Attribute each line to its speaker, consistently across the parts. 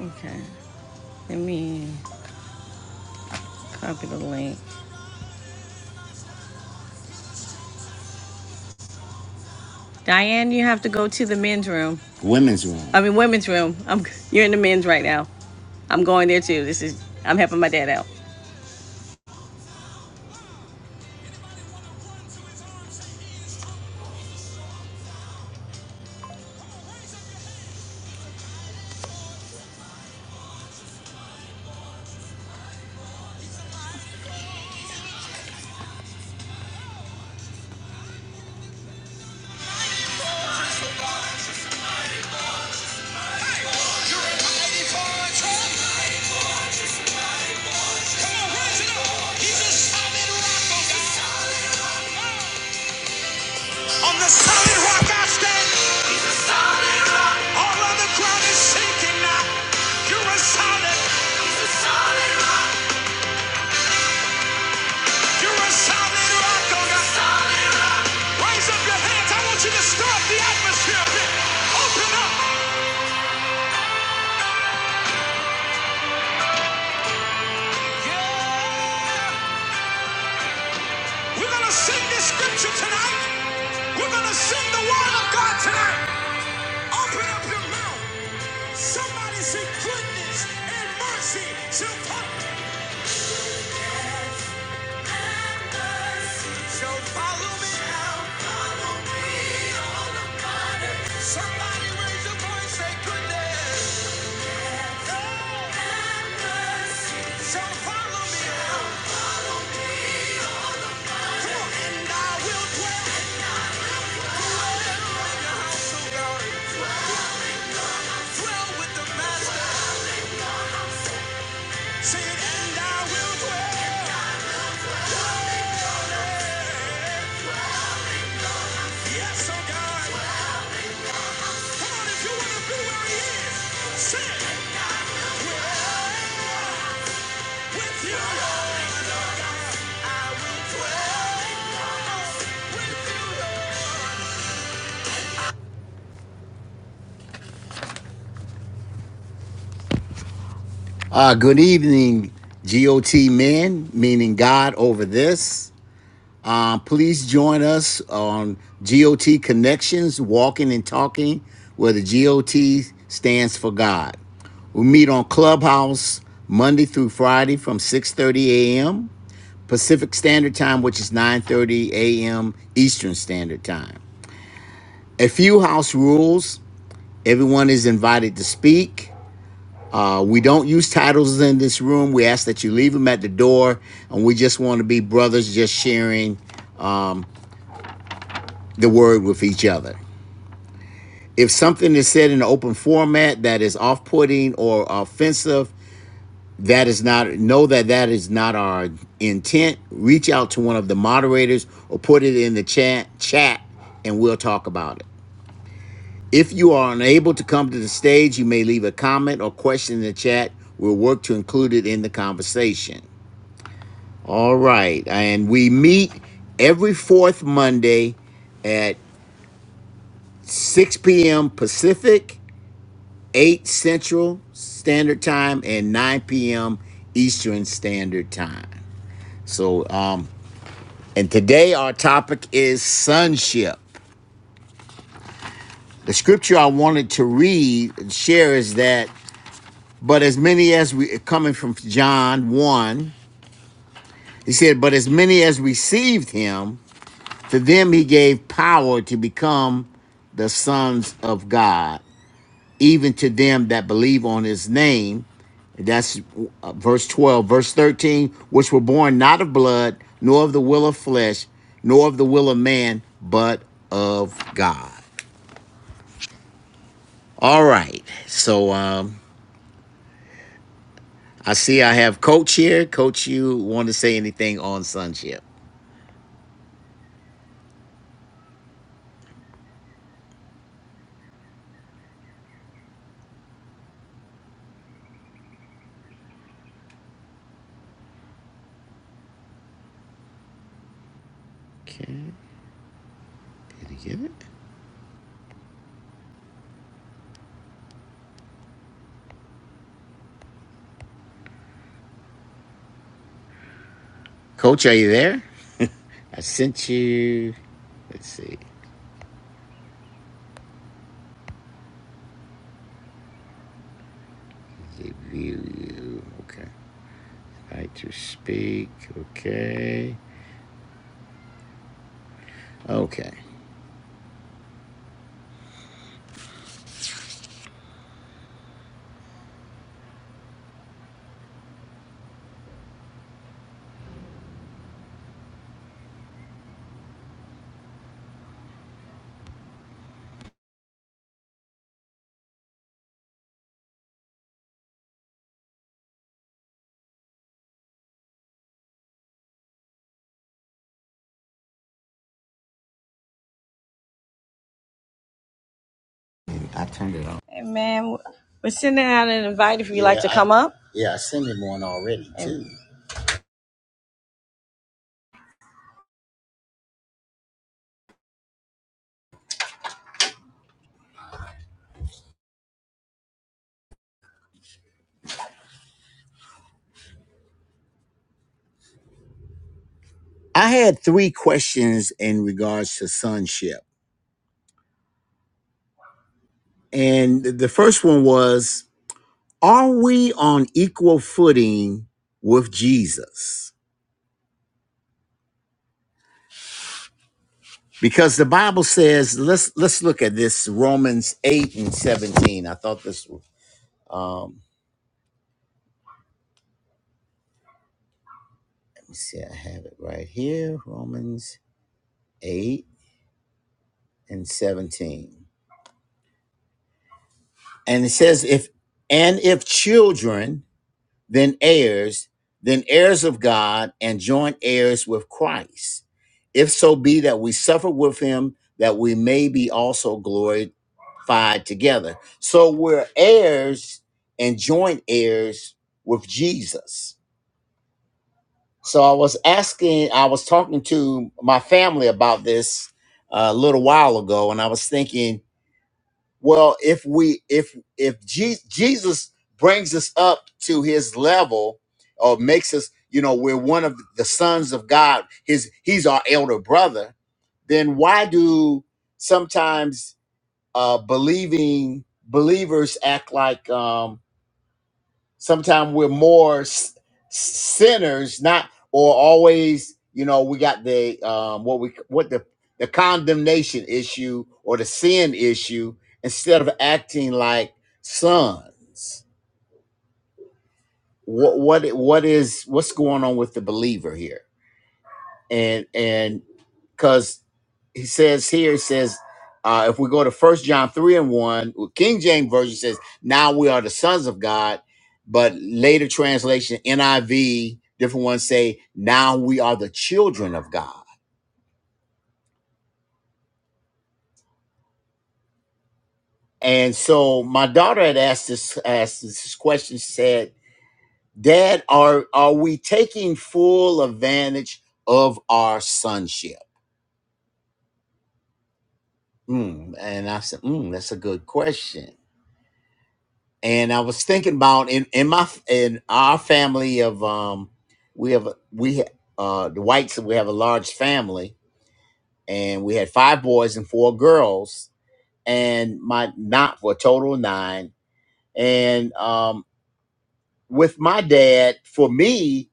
Speaker 1: Okay. Let me copy the link. Diane, you have to go to the men's room. Women's room. I mean, women's room. I'm you're in the men's right now. I'm going there too. This is I'm helping my dad out. On the solid rock I stand. He's a solid rock. All of the ground is shaking now. You're a solid. He's a solid rock. You're a solid rock. Oh, God. solid rock. Raise up your hands. I want you to stir up the atmosphere. Open up. Yeah. We're going to sing this scripture tonight. We're going to sing the word of God tonight. Open up your mouth. Somebody say, goodness and mercy shall follow me. Goodness and mercy shall follow me. Shall follow me all of my days. Somebody raise your voice, say, goodness. and mercy Shall follow me. and I will dwell in the house of God. Dwell Yes, oh Uh, good evening, GOT men, meaning God over this. Uh, please join us on GOT Connections, Walking and Talking, where the GOT stands for God. We meet on Clubhouse Monday through Friday from 6:30 a.m. Pacific Standard Time, which is 9:30 a.m. Eastern Standard Time. A few house rules. Everyone is invited to speak. Uh, we don't use titles in this room. We ask that you leave them at the door, and we just want to be brothers, just sharing um, the word with each other. If something is said in an open format that is off putting or offensive, that is not know that that is not our intent reach out to one of the moderators or put it in the chat chat and we'll talk about it if you are unable to come to the stage you may leave a comment or question in the chat we'll work to include it in the conversation all right and we meet every fourth monday at 6 p.m pacific 8 central standard time and 9 p.m eastern standard time so um And today our topic is sonship. The scripture I wanted to read and share is that, but as many as we, coming from John 1, he said, but as many as received him, to them he gave power to become the sons of God, even to them that believe on his name. That's uh, verse 12. Verse 13, which were born not of blood, nor of the will of flesh, nor of the will of man, but of God. All right. So um, I see I have Coach here. Coach, you want to say anything on sonship? Okay. Did he get it? Coach, are you there? I sent you. Let's see. Give you. Okay. Right to speak. Okay. Okay. I turned it on. Hey man, we're sending out an invite if you'd like Yeah. to Yeah, I, come up. yeah. I sent him one already And too. I had three questions in regards to sonship. And the first one was Are we on equal footing with Jesus? Because the Bible says, let's let's look at this Romans 8 and 17. I thought this was um let me see, I have it right here. Romans 8 and 17. And it says, if and if children then heirs, then heirs of God, and joint heirs with Christ. If so be that we suffer with him, that we may be also glorified together. So we're heirs and joint heirs with Jesus. So I was asking, I was talking to my family about this uh, a little while ago, and I was thinking, well, if we if if Je- Jesus brings us up to his level or makes us, you know, we're one of the sons of God, his he's our elder brother, then why do sometimes uh believing believers act like um sometimes we're more s- sinners not or always you know we got the um what we what the the condemnation issue or the sin issue instead of acting like sons what what what is what's going on with the believer here and and because he says here he says uh, if we go to first john 3 and 1 well, king james version says now we are the sons of god but later translation niv different ones say now we are the children of god and so my daughter had asked this asked this question she said dad are are we taking full advantage of our sonship Mm, and i said mm, that's a good question and I was thinking about in in my in our family of um we have we uh the whites we have a large family and we had five boys and four girls and my not for a total of nine and um with my dad for me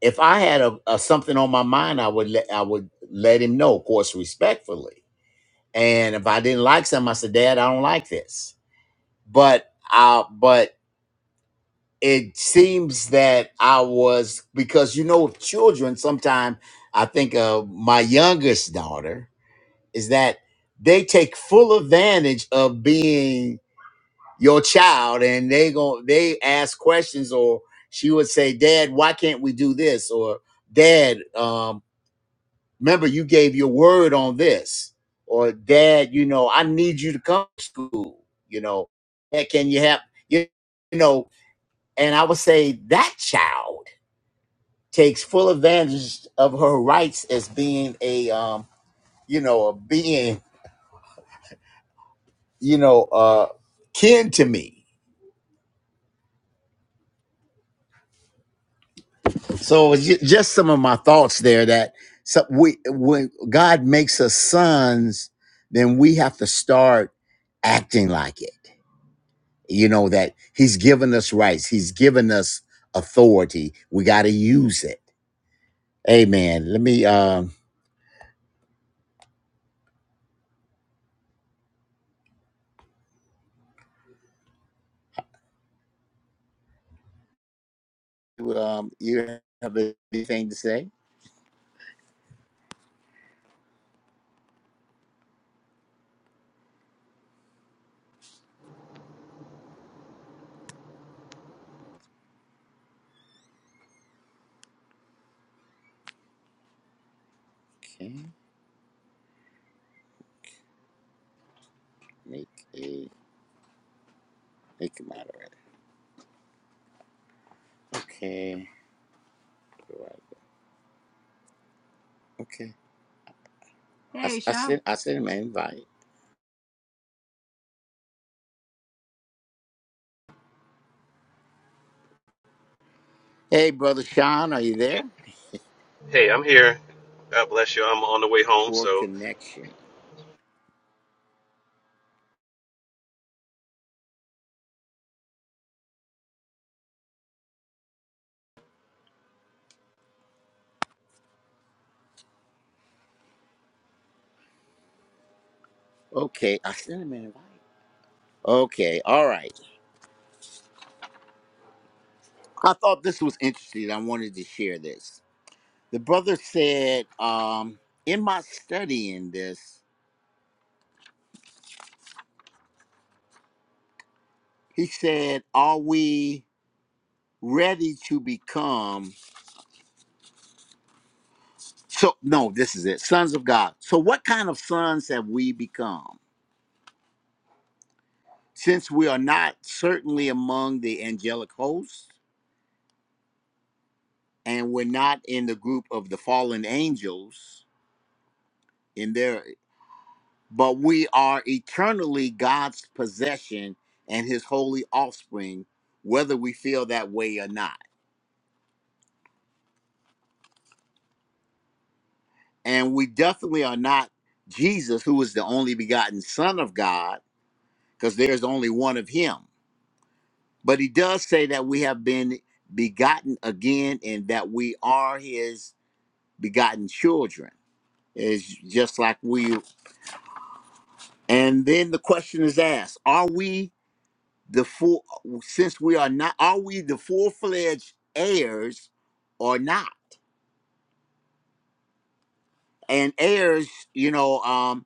Speaker 1: if I had a, a something on my mind I would let I would let him know of course respectfully and if I didn't like something I said Dad I don't like this but I but it seems that I was because you know children sometimes I think uh my youngest daughter is that they take full advantage of being your child and they go they ask questions or she would say dad why can't we do this or dad um remember you gave your word on this or dad you know I need you to come to school you know "Dad, can you have you you know and I would say that child takes full advantage of her rights as being a um you know a being you know uh kin to me so it's ju- just some of my thoughts there that so we when god makes us sons then we have to start acting like it you know that he's given us rights he's given us authority we got to use it amen let me um you, um you have anything to say okay make a. Make him moderator. Okay. Okay. I, Hey, I Sean. sent I sent him an invite. Hey, brother Sean, are you there?
Speaker 2: Hey, I'm here. God bless you. I'm on the way home.
Speaker 1: Poor
Speaker 2: So,
Speaker 1: connection. Okay, I sent him an invite. Okay, all right. I thought this was interesting. I wanted to share this. The brother said, um, in my studying this, he said, Are we ready to become so no, this is it, sons of God. So what kind of sons have we become? since we are not certainly among the angelic hosts and we're not in the group of the fallen angels in there but we are eternally God's possession and his holy offspring whether we feel that way or not and we definitely are not Jesus who is the only begotten son of God because there's only one of him but he does say that we have been begotten again and that we are his begotten children is just like we and then the question is asked are we the full since we are not are we the full-fledged heirs or not and heirs you know um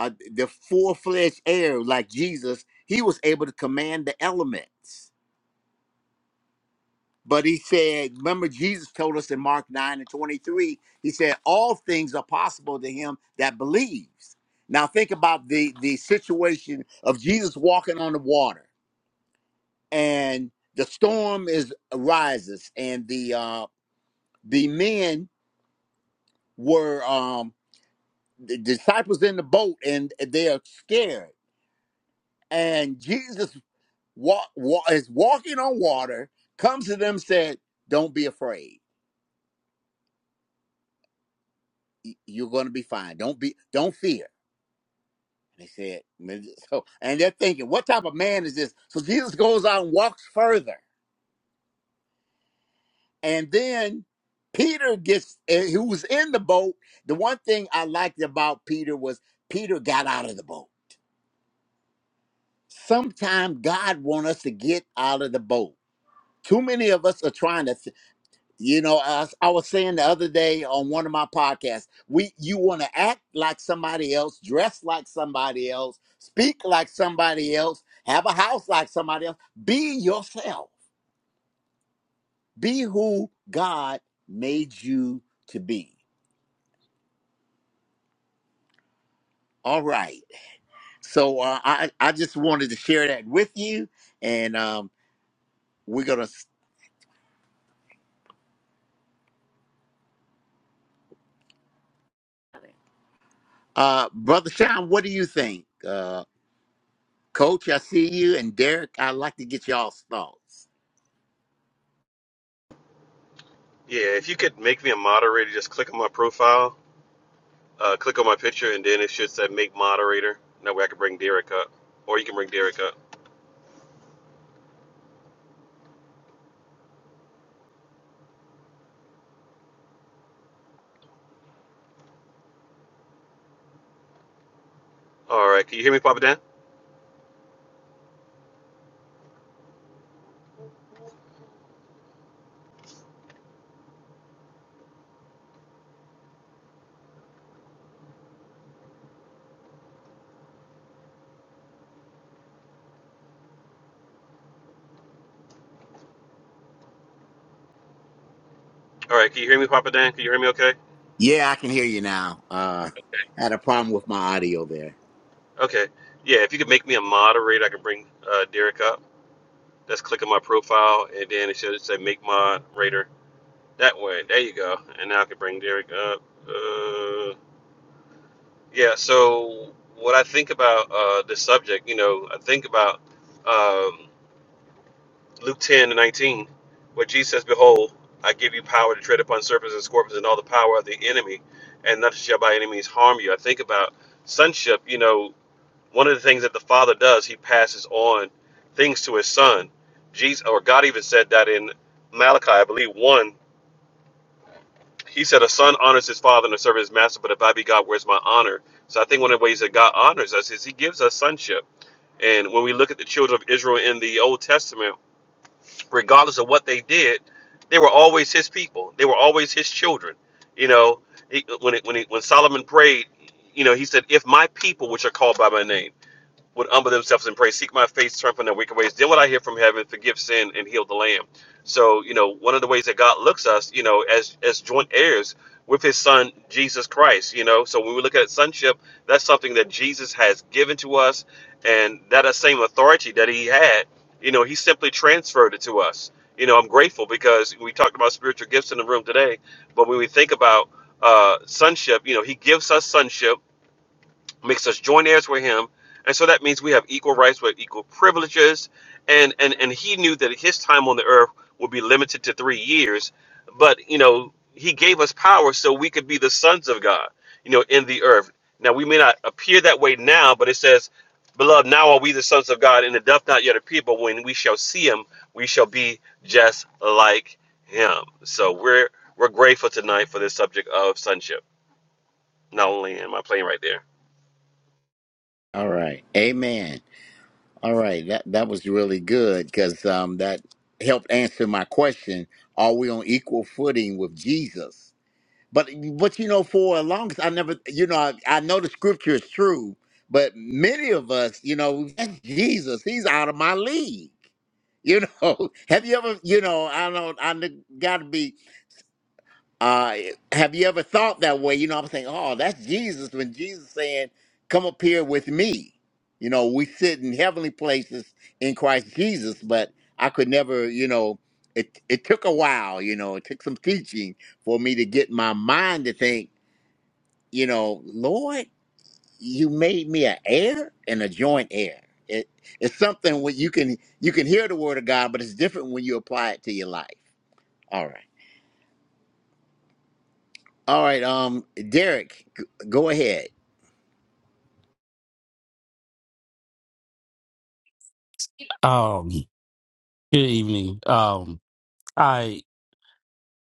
Speaker 1: uh, the full-fledged heir like jesus he was able to command the elements but he said remember jesus told us in mark 9 and 23 he said all things are possible to him that believes now think about the the situation of jesus walking on the water and the storm is rises and the uh the men were um the disciples in the boat and they are scared and jesus wa- wa- is walking on water comes to them said don't be afraid Y- you're going to be fine don't be don't fear and they said so and they're thinking what type of man is this so jesus goes out and walks further And then Peter gets, eh, who was in the boat. The one thing I liked about Peter was Peter got out of the boat. Sometimes God want us to get out of the boat. Too many of us are trying to, th- you know. As I was saying the other day on one of my podcasts, we you want to act like somebody else, dress like somebody else, speak like somebody else, have a house like somebody else. Be yourself. Be who God made you to be. All right. So uh, I I just wanted to share that with you, and um, we're gonna, uh, brother Sean, what do you think, uh, Coach? I see you, and Derek. I'd like to get y'all's thoughts.
Speaker 2: yeah, if you could make me a moderator, just click on my profile, uh, click on my picture, and then it should say make moderator. That way I can bring Derek up. Or you can bring Derek up. All right. Can you hear me, Papa Dan? All right. Can you hear me, Papa Dan? Can you hear me okay?
Speaker 1: Yeah, I can hear you now. Uh, had a problem with my audio there.
Speaker 2: Okay. Yeah, if you could make me a moderator, I can bring uh, Derek up. Just click on my profile, and then it should say make moderator. That way. There you go. And now I can bring Derek up. Uh, Yeah, so what I think about uh, this subject, you know, I think about um, Luke 10 and 19, where Jesus says, Behold, I give you power to tread upon serpents and scorpions and all the power of the enemy, and nothing shall by any means harm you. I think about sonship, you know, one of the things that the Father does, he passes on things to his Son. Jesus, or God even said that in Malachi, I believe, 1. He said, A son honors his father and a servant his master, but if I be God, where's my honor? So I think one of the ways that God honors us is he gives us sonship. And when we look at the children of Israel in the Old Testament, regardless of what they did, they were always his people, they were always his children. You know, he, when, it, when, he, when Solomon prayed, you know, he said, If my people, which are called by my name, would humble themselves and pray, seek my face, turn from their wicked ways. Then what I hear from heaven, forgive sin and heal the land. So, you know, one of the ways that God looks us, you know, as as joint heirs with his son Jesus Christ, you know. So when we look at sonship, that's something that Jesus has given to us and that same authority that he had, you know, he simply transferred it to us. You know, I'm grateful because we talked about spiritual gifts in the room today, but when we think about uh, sonship, you know, he gives us sonship makes us joint heirs with him and so that means we have equal rights with equal privileges and and and he knew that his time on the earth would be limited to three years but you know he gave us power so we could be the sons of god you know in the earth now we may not appear that way now but it says beloved now are we the sons of god and it doth not yet appear but when we shall see him we shall be just like him so we're we're grateful tonight for this subject of sonship not only am i playing right there
Speaker 1: All right, Amen. All right, that that was really good because um, that helped answer my question. Are we on equal footing with Jesus? But what you know, for as long as I never, you know, I, I know the scripture is true, but many of us, you know, that's Jesus, he's out of my league. You know, have you ever, you know, I don't, I got to be, uh, have you ever thought that way? You know, I'm saying, oh, that's Jesus when Jesus saying, come up here with me. You know, we sit in heavenly places in Christ Jesus, but I could never, you know, it, it took a while, you know, it took some teaching for me to get my mind to think you know, Lord, you made me an heir and a joint heir. It, it's something where you can you can hear the word of God, but it's different when you apply it to your life. All right, all right. Um, Derek, g- go ahead.
Speaker 3: Um, good evening. Um, I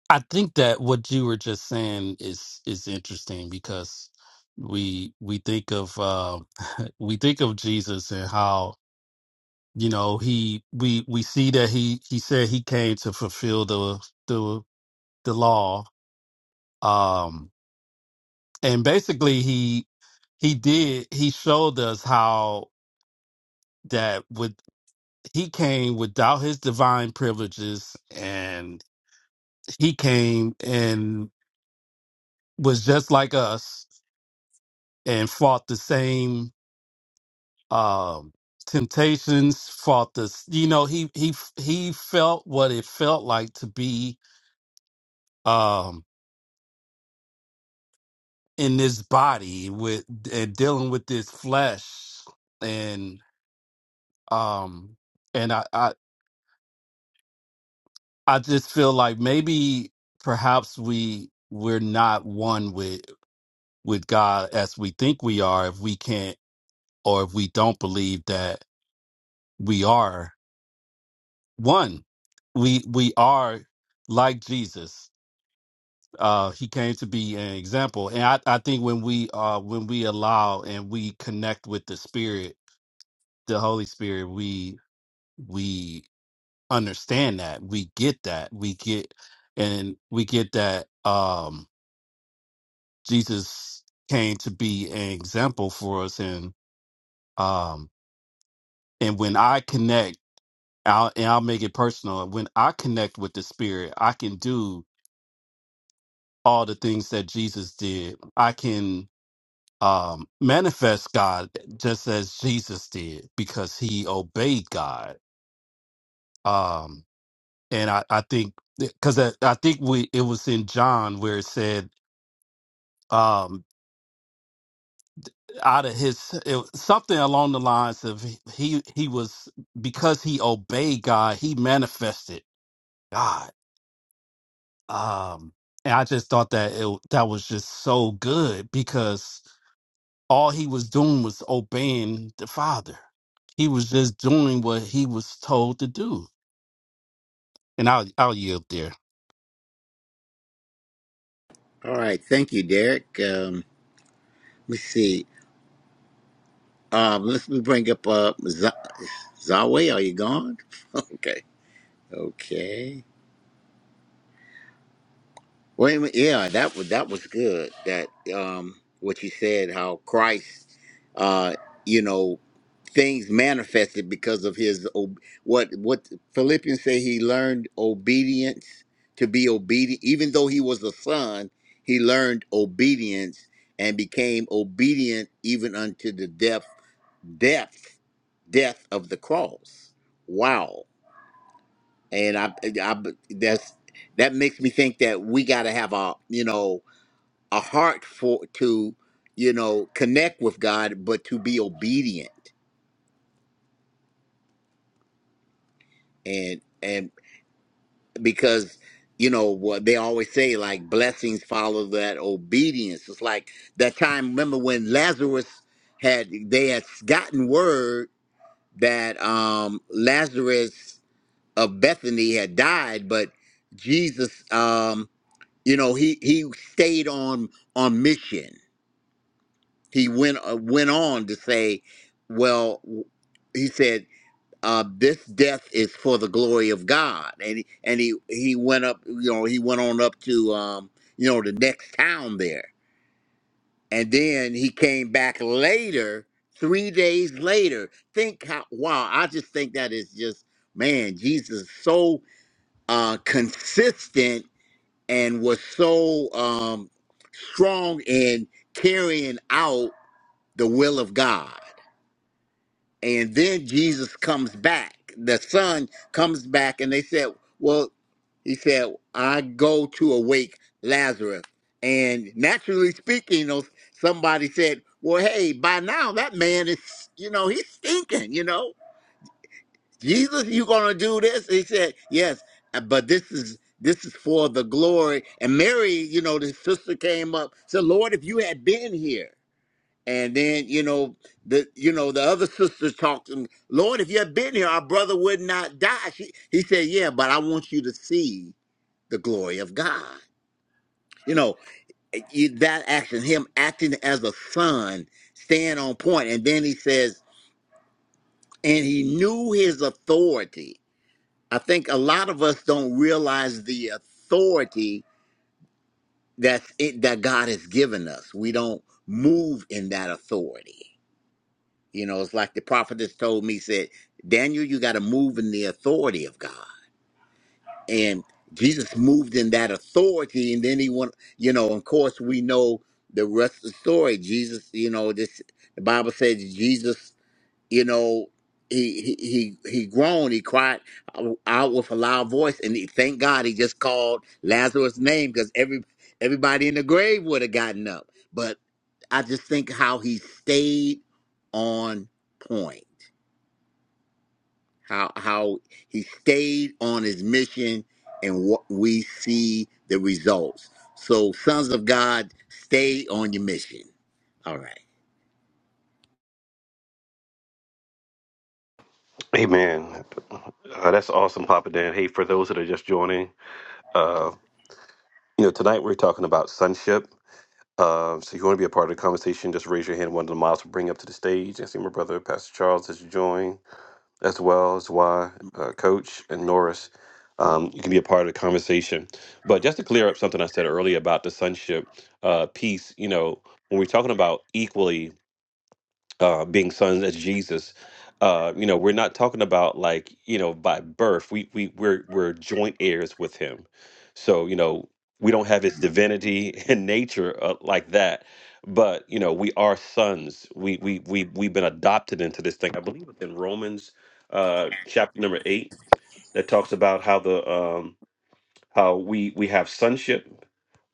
Speaker 3: I think that what you were just saying is is interesting because we we think of uh, we think of Jesus and how you know he we we see that he he said he came to fulfill the the the law. Um, and basically he he did he showed us how that with he came without his divine privileges and he came and was just like us and fought the same um, temptations. Fought this, you know, he he he felt what it felt like to be um, in this body with and dealing with this flesh, and um, and I I, I just feel like maybe perhaps we we're not one with with God as we think we are if we can't or if we don't believe that we are one we we are like jesus uh he came to be an example and i i think when we uh when we allow and we connect with the spirit the holy spirit we we understand that we get that we get and we get that um jesus came to be an example for us and um and when i connect I'll, and I'll make it personal. When I connect with the spirit, I can do all the things that Jesus did. I can um, manifest God just as Jesus did because he obeyed God. Um, and I, I think because I, I think we it was in John where it said um, out of his it, was something along the lines of he he was because he obeyed God he manifested God. Um, and I just thought that it that was just so good because all he was doing was obeying the father. He was just doing what he was told to do. And I'll I'll yield there.
Speaker 1: All right, thank you, Derek. Um, let me see. Um, let's we bring up uh Z- Zawe. Are you gone? okay, okay. Well, a minute. Yeah, that was that was good. That um, what you said, how Christ, uh, you know, things manifested because of his ob- what what Philippians say he learned obedience to be obedient. Even though he was a son, he learned obedience and became obedient even unto the death, death, death of the cross. Wow and I, I that's that makes me think that we got to have a you know a heart for to you know connect with God, but to be obedient and and because you know what they always say like blessings follow that obedience. It's like that time. Remember when Lazarus had they had gotten word that um Lazarus of Bethany had died, but Jesus Um, You know, he he stayed on on mission. He went uh, went on to say, well, w- he said, uh, this death is for the glory of God, and he, and he he went up. You know, he went on up to um, you know the next town there, and then he came back later, three days later. Think how wow! I just think that is just man, Jesus is so uh, consistent and was so um, strong in carrying out the will of God. And then Jesus comes back. The son comes back, and they said, Well, he said, I go to awake Lazarus. And naturally speaking, you know, somebody said, Well, hey, by now that man is, you know, he's stinking, you know Jesus, you gonna do this? He said, Yes, uh, but this is this is for the glory. And Mary, you know, the sister came up, said, Lord, if you had been here. And then, you know, the you know, the other sisters talked to him, Lord, if you had been here, our brother would not die. She, he said, Yeah, but I want you to see the glory of God. You know, eh, you- that action, him acting as a son, staying on point. And then he says, and he knew his authority I think a lot of us don't realize the authority that's it, that God has given us. We don't move in that authority. You know, it's like the prophet has told me, said, Daniel, you got to move in the authority of God. And Jesus moved in that authority. And then he went, you know, of course, we know the rest of the story. Jesus, you know, this, the Bible says Jesus you know he he he he groaned he cried out with a loud voice and he, thank god he just called lazarus name because every everybody in the grave would have gotten up but i just think how he stayed on point how how he stayed on his mission and what we see the results so sons of god stay on your mission all right
Speaker 2: Amen. Uh, that's awesome, Papa Dan. Hey, for those that are just joining, uh, you know, tonight we're talking about sonship. Uh, so if you want to be a part of the conversation, just raise your hand. One of the mods will bring you up to the stage. I see my brother, Pastor Charles, has joined, as well as Y uh, Coach and Norris. Um, you can be a part of the conversation. But just to clear up something I said earlier about the sonship uh, piece, you know, when we're talking about equally uh, being sons as Jesus. Uh, you know, we're not talking about like you know by birth. We we we're we're joint heirs with Him, so you know we don't have His divinity and nature uh, like that. But you know, we are sons. We we we we've been adopted into this thing. I believe it's in Romans uh, chapter number eight that talks about how the um, how we we have sonship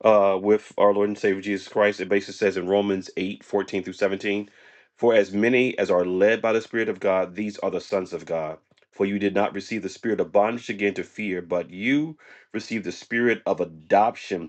Speaker 2: uh, with our Lord and Savior Jesus Christ. It basically says in Romans 8 14 through 17, For as many as are led by the Spirit of God, these are the sons of God. For you did not receive the spirit of bondage again to fear, but you received the spirit of adoption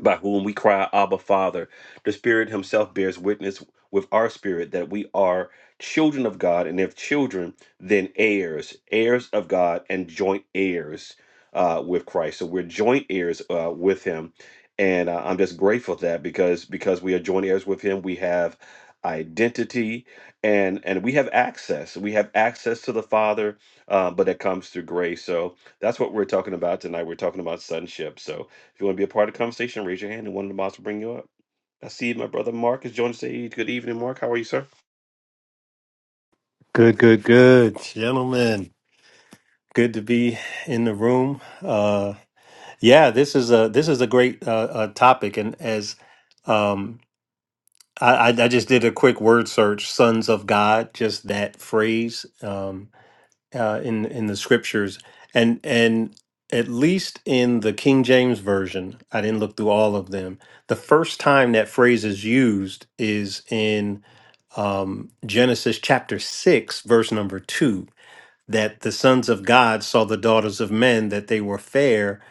Speaker 2: by whom we cry, Abba, Father. The Spirit Himself bears witness with our spirit that we are children of God, and if children, then heirs, heirs of God, and joint heirs uh, with Christ. So we're joint heirs uh, with Him, and uh, I'm just grateful for that because because we are joint heirs with Him, we have identity and and we have access we have access to the father uh, but that comes through grace so that's what we're talking about tonight we're talking about sonship so if you want to be a part of the conversation, raise your hand and one of the mods will bring you up. I see my brother Mark has joined the stage. Good evening, Mark. How are you, sir?
Speaker 4: Good, good, good, gentlemen. Good to be in the room. Uh, yeah, this is a this is a great uh, uh, topic, and as um, I, I I just did a quick word search, "sons of God," just that phrase um, uh, in in the scriptures, and and at least in the King James version, I didn't look through all of them. The first time that phrase is used is in um, Genesis chapter six, verse number two that the sons of God saw the daughters of men, that they were fair,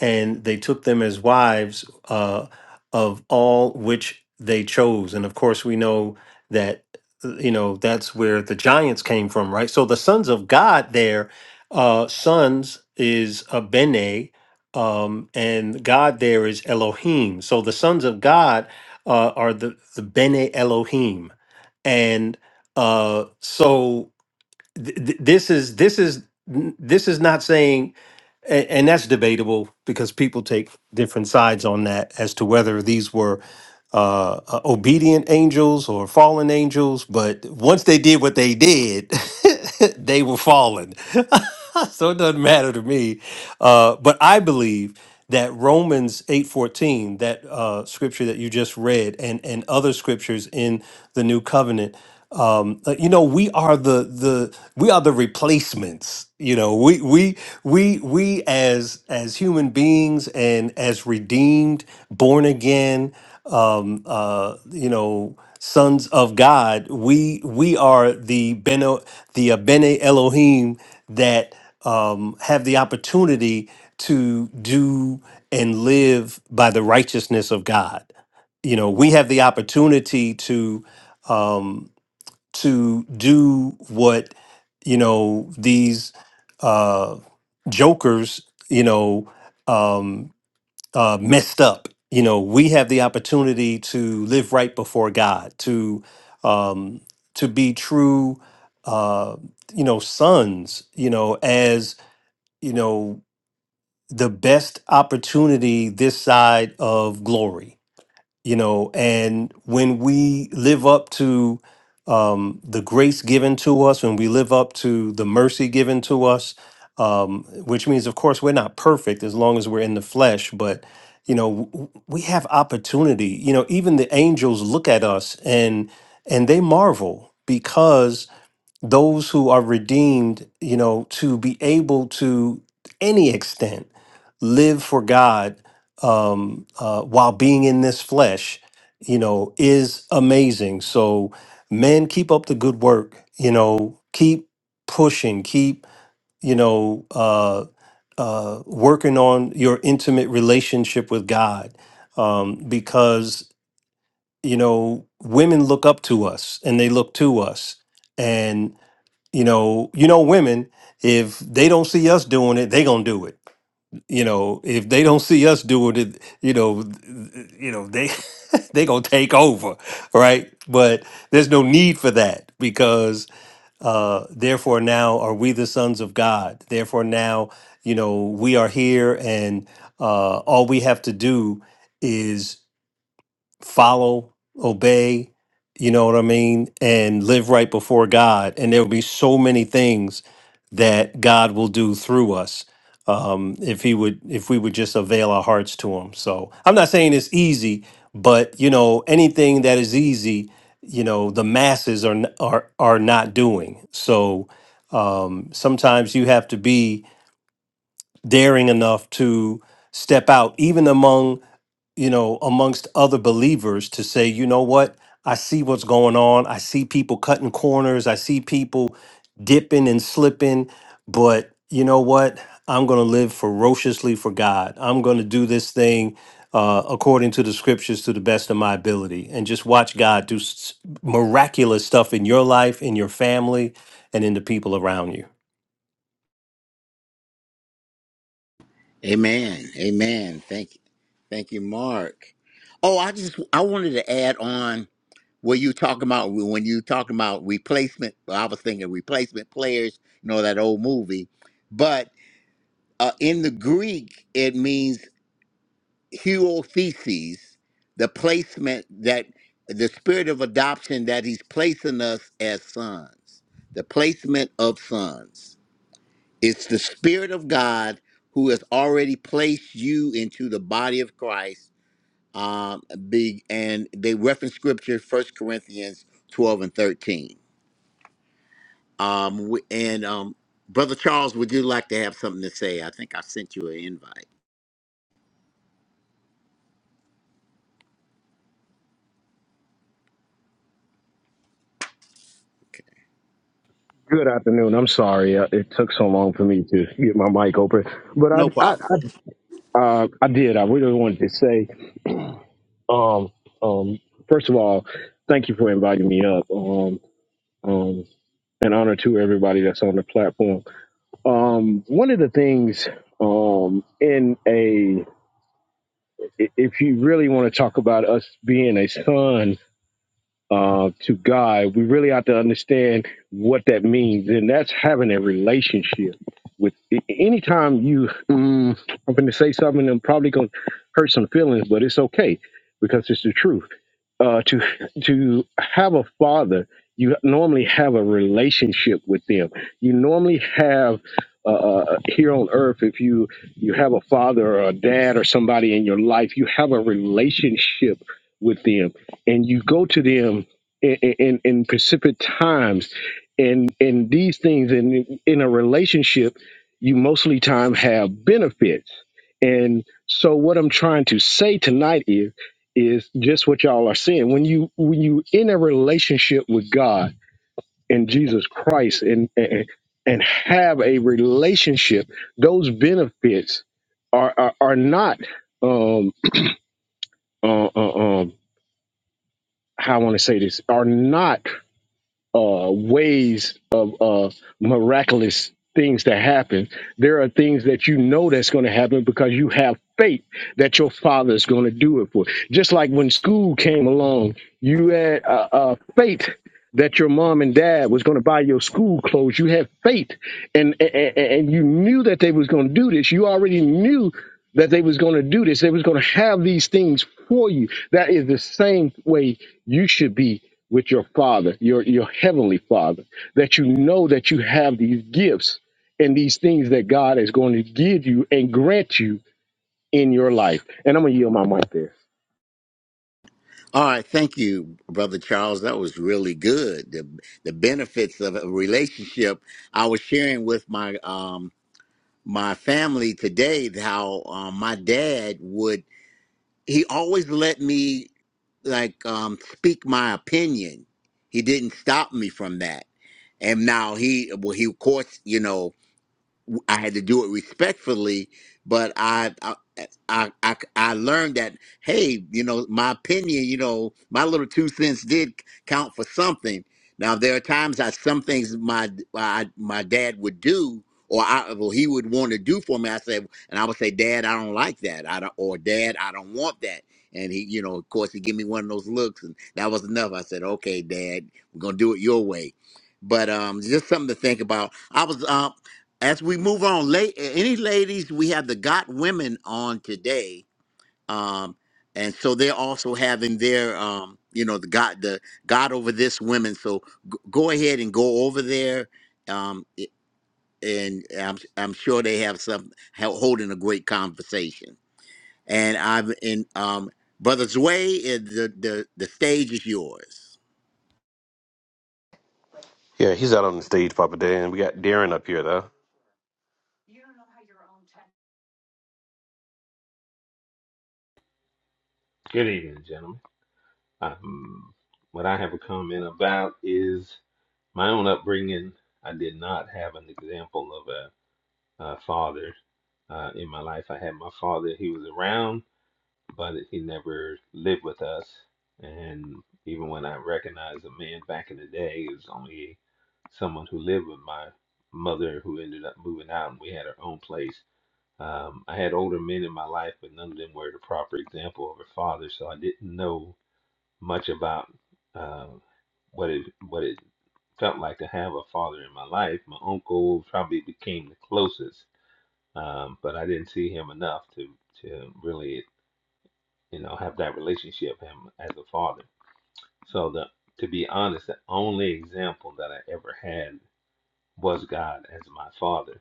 Speaker 4: and they took them as wives uh, of all which they chose. And of course, we know that, uh, you know, that's where the giants came from, right? So the sons of God there, uh, sons is a bene, um, and God there is Elohim. So the sons of God uh, are the, the bene Elohim. And uh, so th- th- this is this is this is not saying and, and that's debatable because people take different sides on that as to whether these were uh, uh, obedient angels or fallen angels. But once they did what they did, they were fallen. so it doesn't matter to me. Uh, but I believe that Romans 8:14, that uh, scripture that you just read, and and other scriptures in the New Covenant. Um, uh, you know, we are the the we are the replacements you know we we we we as as human beings and as redeemed born again um uh you know sons of god we we are the beno the uh, bene elohim that um have the opportunity to do and live by the righteousness of god you know we have the opportunity to um, to do what you know these uh, jokers you know um, uh, messed up. You know we have the opportunity to live right before God, to um, to be true, uh, you know, sons. You know as you know the best opportunity this side of glory you know and when we live up to um, the grace given to us when we live up to the mercy given to us um, which means of course we're not perfect as long as we're in the flesh but you know w- w- we have opportunity you know even the angels look at us and and they marvel because those who are redeemed, you know, to be able to any extent live for God um, uh, while being in this flesh, you know, is amazing. So, men, keep up the good work. You know, keep pushing. Keep you know uh, uh, working on your intimate relationship with God, um, because you know women look up to us and they look to us, and you know you know women if they don't see us doing it they gonna do it you know if they don't see us doing it you know th- th- you know they they gonna take over right but there's no need for that because uh therefore now are we the sons of god therefore now you know we are here and uh all we have to do is follow, obey, you know what I mean, and live right before God. And there will be so many things that God will do through us um, if he would if we would just avail our hearts to him. So I'm not saying it's easy, but you know anything that is easy, you know the masses are n- are are not doing. So um, sometimes you have to be daring enough to step out, even among you know, amongst other believers to say, you know what? I see what's going on. I see people cutting corners. I see people dipping and slipping. But you know what? I'm going to live ferociously for God. I'm going to do this thing uh, according to the scriptures to the best of my ability and just watch God do s- miraculous stuff in your life, in your family, and in the people around you.
Speaker 1: Amen. Amen. Thank you. Thank you, Mark. Oh, I just I wanted to add on what you talking about when you talking about replacement. well, I was thinking replacement players, you know that old movie, but uh, in the Greek it means huothesis, the placement that the spirit of adoption that he's placing us as sons, the placement of sons. It's the Spirit of God who has already placed you into the body of Christ. Um, big, and they reference scripture, First Corinthians 12 and 13. Um, w- and um, Brother Charles, would you like to have something to say? I think I sent you an invite.
Speaker 5: Good afternoon. I'm sorry uh, it took so long for me to get my mic open, but I
Speaker 1: No
Speaker 5: I
Speaker 1: problem.
Speaker 5: I, uh, I did. I really wanted to say, um, um, first of all, thank you for inviting me up. Um, um, an honor to everybody that's on the platform. Um, one of the things, um, in a i- if you really want to talk about us being a son uh, to God, we really have to understand what that means, and that's having a relationship with. a- Anytime you, mm, I'm going to say something, I'm probably going to hurt some feelings, but it's okay because it's the truth. Uh, to to have a father, you normally have a relationship with them. You normally have uh, uh, here on earth, if you you have a father or a dad or somebody in your life, you have a relationship with them and you go to them in in, in precipitate times and and these things in in a relationship you mostly time have benefits and so what i'm trying to say tonight is is just what y'all are saying when you when you in a relationship with god and jesus christ and and, and have a relationship those benefits are are, are not um uh, uh, um how i want to say this are not uh, ways of uh, miraculous things to happen. There are things that you know that's going to happen because you have faith that your father is going to do it for. you. Just like when school came along, you had uh, uh, faith that your mom and dad was going to buy your school clothes. You had faith, and and, and and you knew that they was going to do this. You already knew that they was going to do this. They was going to have these things for you. That is the same way you should be with your father, your, your heavenly father, that you know that you have these gifts and these things that God is going to give you and grant you in your life. And I'm going to yield my mic there.
Speaker 1: All right, thank you, Brother Charles. That was really good. The, the benefits of a relationship. I was sharing with my um, my family today how um, my dad would he always let me like um speak my opinion. He didn't stop me from that. And now he well he of course, you know, I had to do it respectfully, but I, I I I I learned that hey, you know, my opinion, you know, my little two cents did count for something. Now there are times that some things my my, my dad would do or I well he would want to do for me. I said, and I would say, Dad, I don't like that. I don't or Dad, I don't want that. And he, you know, of course, he give me one of those looks, and that was enough. I said, "Okay, Dad, we're gonna do it your way." But um, just something to think about. I was um as we move on, la- any ladies, we have the Got Women on today, um, and so they're also having their, um, you know, the God, the God over this women. So g- go ahead and go over there, um, i- and I'm I'm sure they have some hel- holding a great conversation. And I've and um, brother Zway, eh, the the the stage is yours.
Speaker 2: Yeah, he's out on the stage, Papa Dan. We got Darren up here, though.
Speaker 6: Good evening, gentlemen. Um, what I have a comment about is my own upbringing. I did not have an example of a, a father uh, in my life. I had my father, he was around, but he never lived with us. And even when I recognized a man back in the day, it was only someone who lived with my mother who ended up moving out and we had our own place. Um, I had older men in my life, but none of them were the proper example of a father, so I didn't know much about uh, what it what it felt like to have a father in my life. My uncle probably became the closest, um, but I didn't see him enough to to really you know have that relationship with him as a father. So the to be honest, the only example that I ever had was God as my father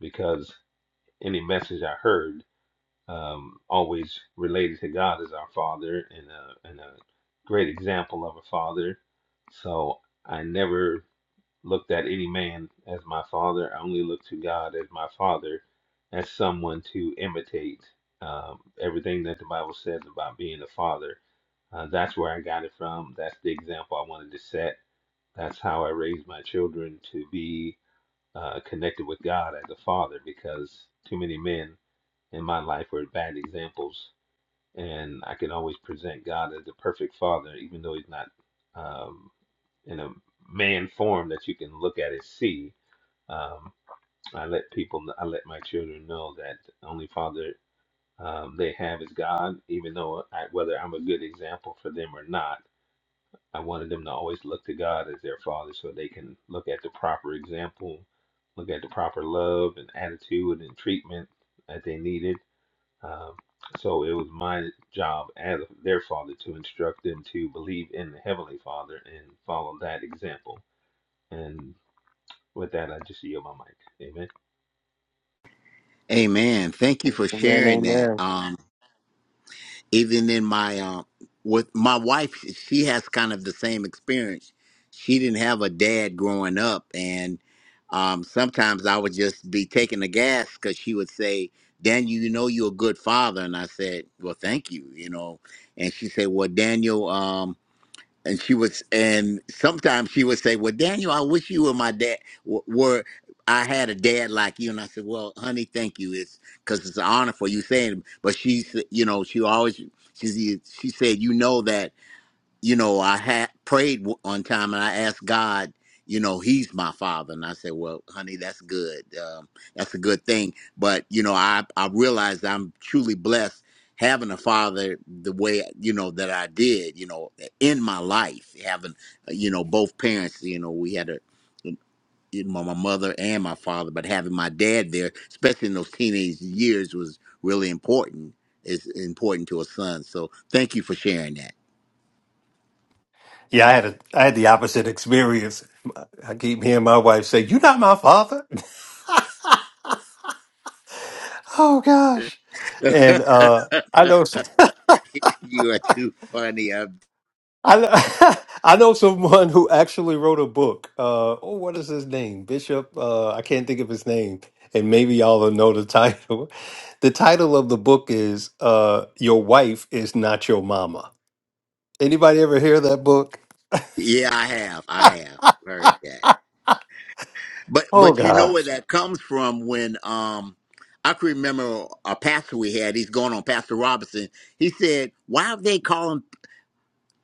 Speaker 6: because any message I heard um, always related to God as our father and a, and a great example of a father. So I never looked at any man as my father. I only looked to God as my father, as someone to imitate um, everything that the Bible says about being a father. Uh, that's where I got it from. That's the example I wanted to set. That's how I raised my children to be uh, connected with God as a father because too many men in my life were bad examples and I can always present God as the perfect father, even though he's not um, in a man form that you can look at and see. Um, I let people, I let my children know that the only father um, they have is God, even though I, whether I'm a good example for them or not, I wanted them to always look to God as their father so they can look at the proper example, look at the proper love and attitude and treatment that they needed um, so it was my job as their father to instruct them to believe in the Heavenly Father and follow that example. And with that, I just yield my mic. Amen.
Speaker 1: Amen. Thank you for
Speaker 4: Amen.
Speaker 1: sharing that.
Speaker 4: Amen.
Speaker 1: Um, even in my um with my wife she has kind of the same experience she didn't have a dad growing up and um sometimes i would just be taking the gas because she would say daniel you know you're a good father and i said well thank you you know and she said well daniel um, and she was and sometimes she would say well daniel i wish you were my dad w- were i had a dad like you and i said well honey thank you it's because it's an honor for you saying it." but she's you know she always she she said you know that you know, I had prayed w- one time and I asked God, you know, He's my Father, and I said, "Well, honey, that's good. Um, that's a good thing." But you know, I I realized I'm truly blessed having a father the way you know that I did. You know, in my life, having uh, you know both parents. You know, we had a you know, my mother and my father, but having my dad there, especially in those teenage years, was really important. It's important to a son. So, thank you for sharing that.
Speaker 4: Yeah, I had a I had the opposite experience. I keep hearing my wife say, "You're not my father." oh gosh, and uh, I know
Speaker 1: You are too funny. I'm,
Speaker 4: I know, I know someone who actually wrote a book. Uh, oh, what is his name? Bishop? Uh, I can't think of his name, and maybe y'all will know the title. The title of the book is uh, "Your Wife Is Not Your Mama." Anybody ever hear that book?
Speaker 1: yeah, I have. I have heard that. But
Speaker 4: Oh
Speaker 1: but you know
Speaker 4: gosh,
Speaker 1: where that comes from when um I can remember a pastor we had, he's going on Pastor Robinson. He said, Why have they called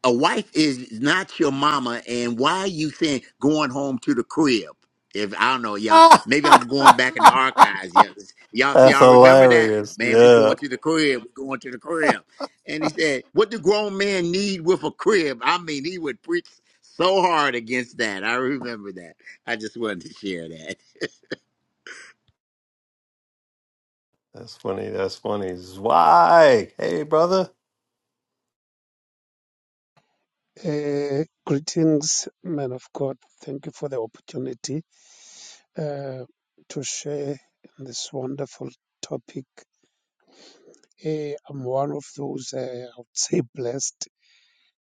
Speaker 1: a wife is not your mama and why you saying going home to the crib if i don't know y'all maybe i'm going back in the archives y'all, y'all see
Speaker 4: that's
Speaker 1: y'all remember that
Speaker 4: hilarious.
Speaker 1: man we
Speaker 4: Yeah,
Speaker 1: going to the crib we going to the crib and he said what do grown men need with a crib i mean he would preach so hard against that i remember that i just wanted to share that
Speaker 4: That's funny. That's funny. Why? Hey, brother.
Speaker 7: Uh, greetings, man of God. Thank you for the opportunity uh, to share in this wonderful topic. Eh, I'm one of those uh, I would say blessed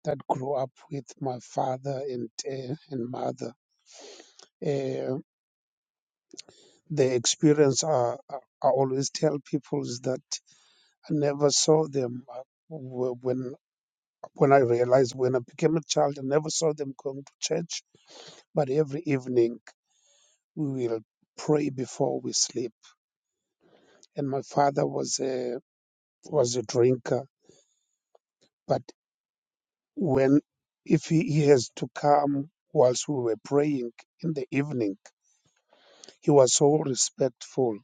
Speaker 7: that grew up with my father and uh, and mother. Eh, the experience I, I I always tell people is that I never saw them uh, wh- when when I realized when I became a child. I never saw them going to church, but every evening. we will pray before we sleep. And my father was a was a drinker, but when if he, he has to come whilst we were praying in the evening, he was so respectful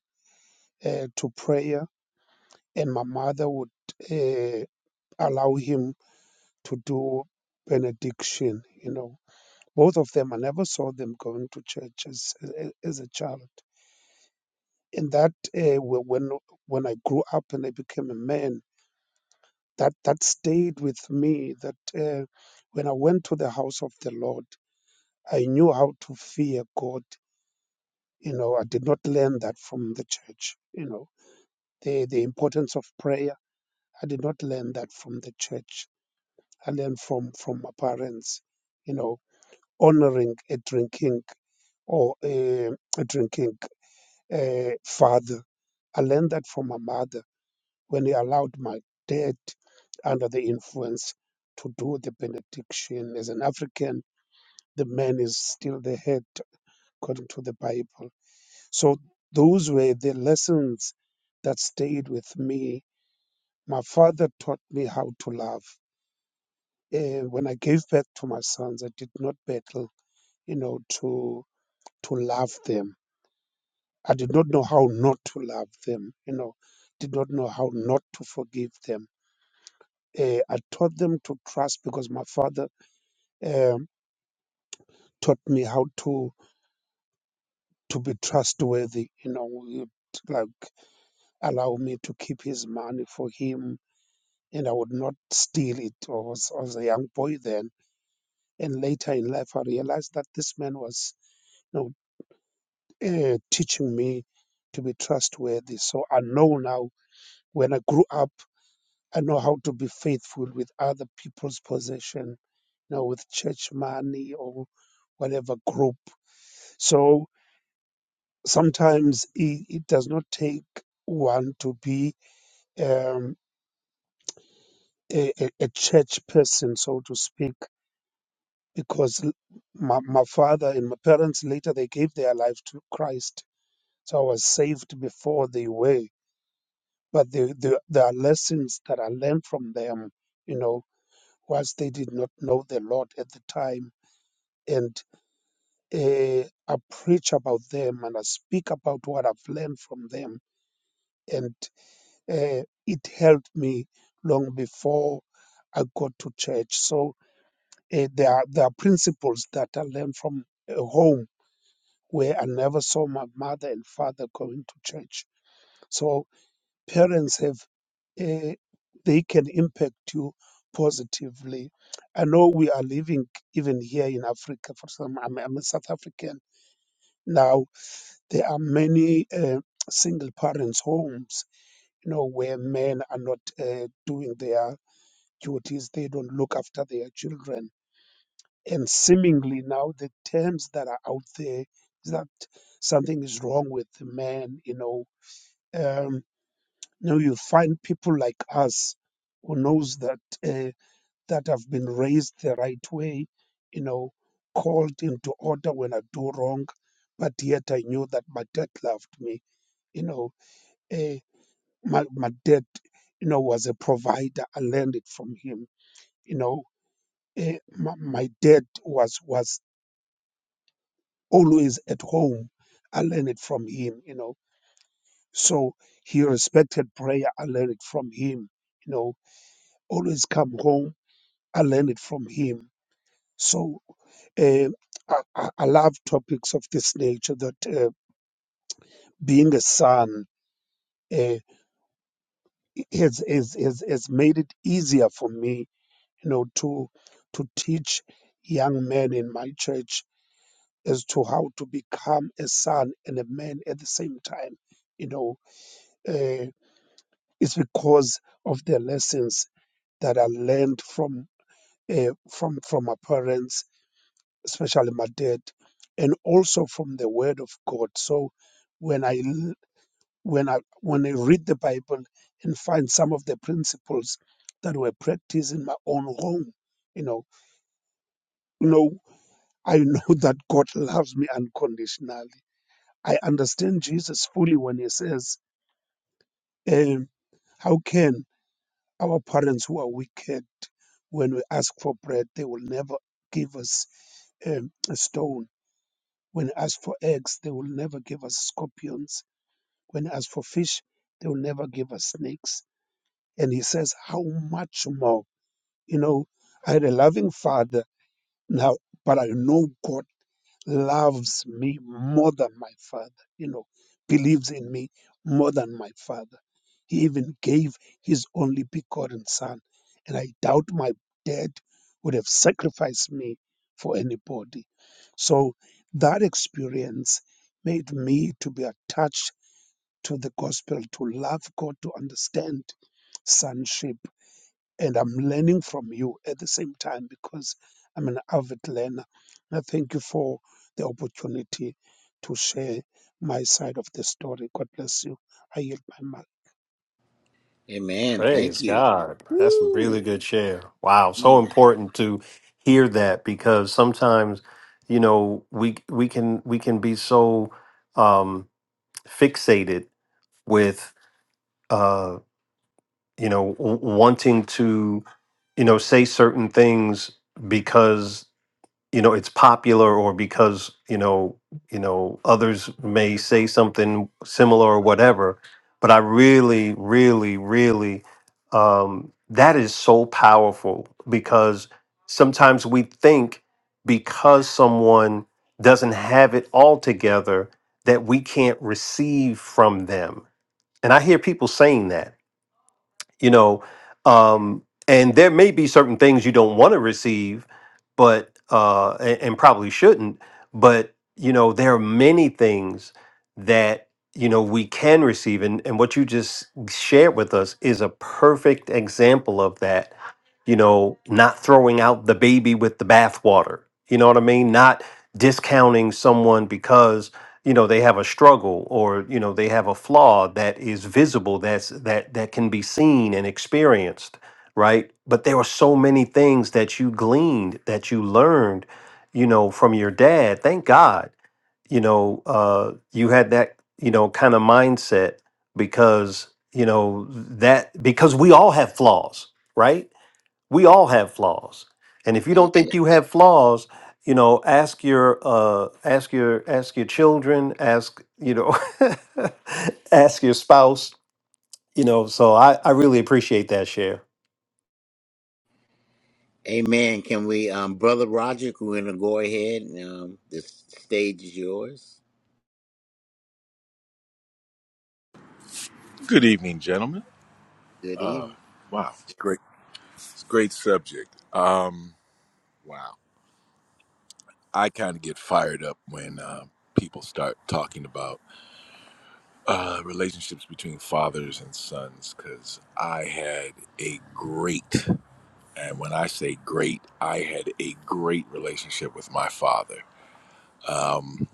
Speaker 7: uh, to prayer, and my mother would uh, allow him to do benediction. You know, both of them. I never saw them going to church as as a child. And that uh, wh- when when I grew up and I became a man that that stayed with me that uh, when i went to the house of the lord i knew how to fear god you know i did not learn that from the church you know the the importance of prayer i did not learn that from the church i learned from from my parents you know honoring a drinking or a, a drinking uh, father i learned that from my mother when he allowed my dad under the influence to do the benediction. As an African, the man is still the head according to the Bible. So those were the lessons that stayed with me. My father taught me how to love. Eh, when I gave birth to my sons, I did not battle, you know, to to love them. I did not know how not to love them, you know, did not know how not to forgive them uh, I taught them to trust because my father um, taught me how to to be trustworthy. You know, he'd like allow me to keep his money for him, and I would not steal it. I was, I was a young boy then, and later in life, I realized that this man was, you know, uh, teaching me to be trustworthy. So I know now when I grew up, I know how to be faithful with other people's possession. You know, with church money or whatever group So sometimes it, it does not take one to be um, a, a a church person, so to speak, because l- my, my father and my parents later they gave their life to Christ. So I was saved before they were. But the, the, there are lessons that I learned from them, you know, whilst they did not know the Lord at the time. And uh, I preach about them and I speak about what I've learned from them uh, it helped me long before I got to church. So uh, there are there are principles that I learned from uh, home where I never saw my mother and father going to church. So parents have uh, they can impact you positively. I know we are living even here in Africa. For some, I'm, I'm a South African now. There are many uh, single parents' homes, you know, where men are not uh, doing their duties, they don't look after their children. And seemingly now the terms that are out there is that something is wrong with the man, you know. Um, now you find people like us who knows that uh, that have been raised the right way, you know, called into order when I do wrong, but yet I knew that my dad loved me, you know. Uh, my, my dad, you know, was a provider. I learned it from him, you know Eh, my, my dad was was always at home. I learned it from him, you know. So he respected prayer. I learned it from him, you know. Always come home. I learned it from him. So uh, I, I I love topics of this nature. That uh, being a son uh, has, has has has made it easier for me, you know, to to teach young men in my church as to how to become a son and a man at the same time. You know, uh, it's because of the lessons that I learned from uh, from from my parents, especially my dad, and also from the Word of God. So when I l- when I when I read the Bible and find some of the principles that were practiced in my own home, you know, you know, I know that God loves me unconditionally I understand Jesus fully when he says, um, How can our parents who are wicked, when we ask for bread, they will never give us um, a stone? When we ask for eggs, they will never give us scorpions. When we ask for fish, they will never give us snakes. And he says, How much more? You know, I had a loving father now, but I know God loves me more than my father, you know, believes in me more than my father. He even gave his only begotten son. And I doubt my dad would have sacrificed me for anybody. So that experience made me to be attached to the gospel, to love God, to understand sonship and I'm learning from you at the same time because I'm an avid learner. I thank you for the opportunity to share my side of the story. God bless you. I yield my mic.
Speaker 1: amen thank
Speaker 4: Praise
Speaker 1: you
Speaker 4: God. That's a really
Speaker 1: Woo.
Speaker 4: good share. Wow. So important to hear that because sometimes, you know, we we can we can be so um fixated with uh, you know, w- wanting to, you know, say certain things you know it's popular or because you know you know others may say something similar or whatever but i really really really um that is so powerful because sometimes we think because someone doesn't have it all together that we can't receive from them and i hear people saying that you know um and there may be certain things you don't want to receive but uh a- and, probably shouldn't but you know there are many things that you know we can receive and and what you just shared with us is a perfect example of that you know, not throwing out the baby with the bathwater. You know what I mean? Not discounting someone because you know they have a struggle or you know they have a flaw that is visible that's that that can be seen and experienced right but there were so many things that you gleaned that you learned you know from your dad thank god you know uh you had that you know kind of mindset because you know that because we all have flaws right we all have flaws and if you
Speaker 1: A-
Speaker 4: don't think you have flaws you know ask your uh ask your ask your children ask you know ask your spouse you know so i i really appreciate that share
Speaker 1: amen can we um brother roger we're gonna go ahead and um this stage is yours
Speaker 8: Good evening, gentlemen.
Speaker 1: Good evening.
Speaker 8: Wow, great, it's great subject. Um, wow, I kind of get fired up when uh, people start talking about uh, relationships between fathers and sons because I had a great, and when I say great, I had a great relationship with my father. Um,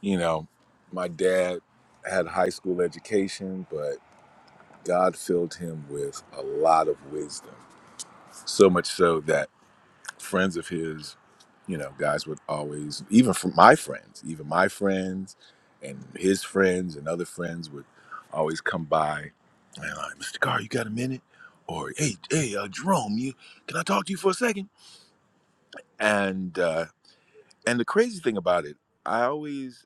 Speaker 8: you know, my dad had a high school education, but God filled him with a lot of wisdom, so much so that friends of his, you know, guys would always, even from my friends, even my friends and his friends and other friends would always come by and like, Mr. Carr, you got a minute? Or hey, hey, uh, Jerome, you can I talk to you for a second? And uh, and the crazy thing about it, I always,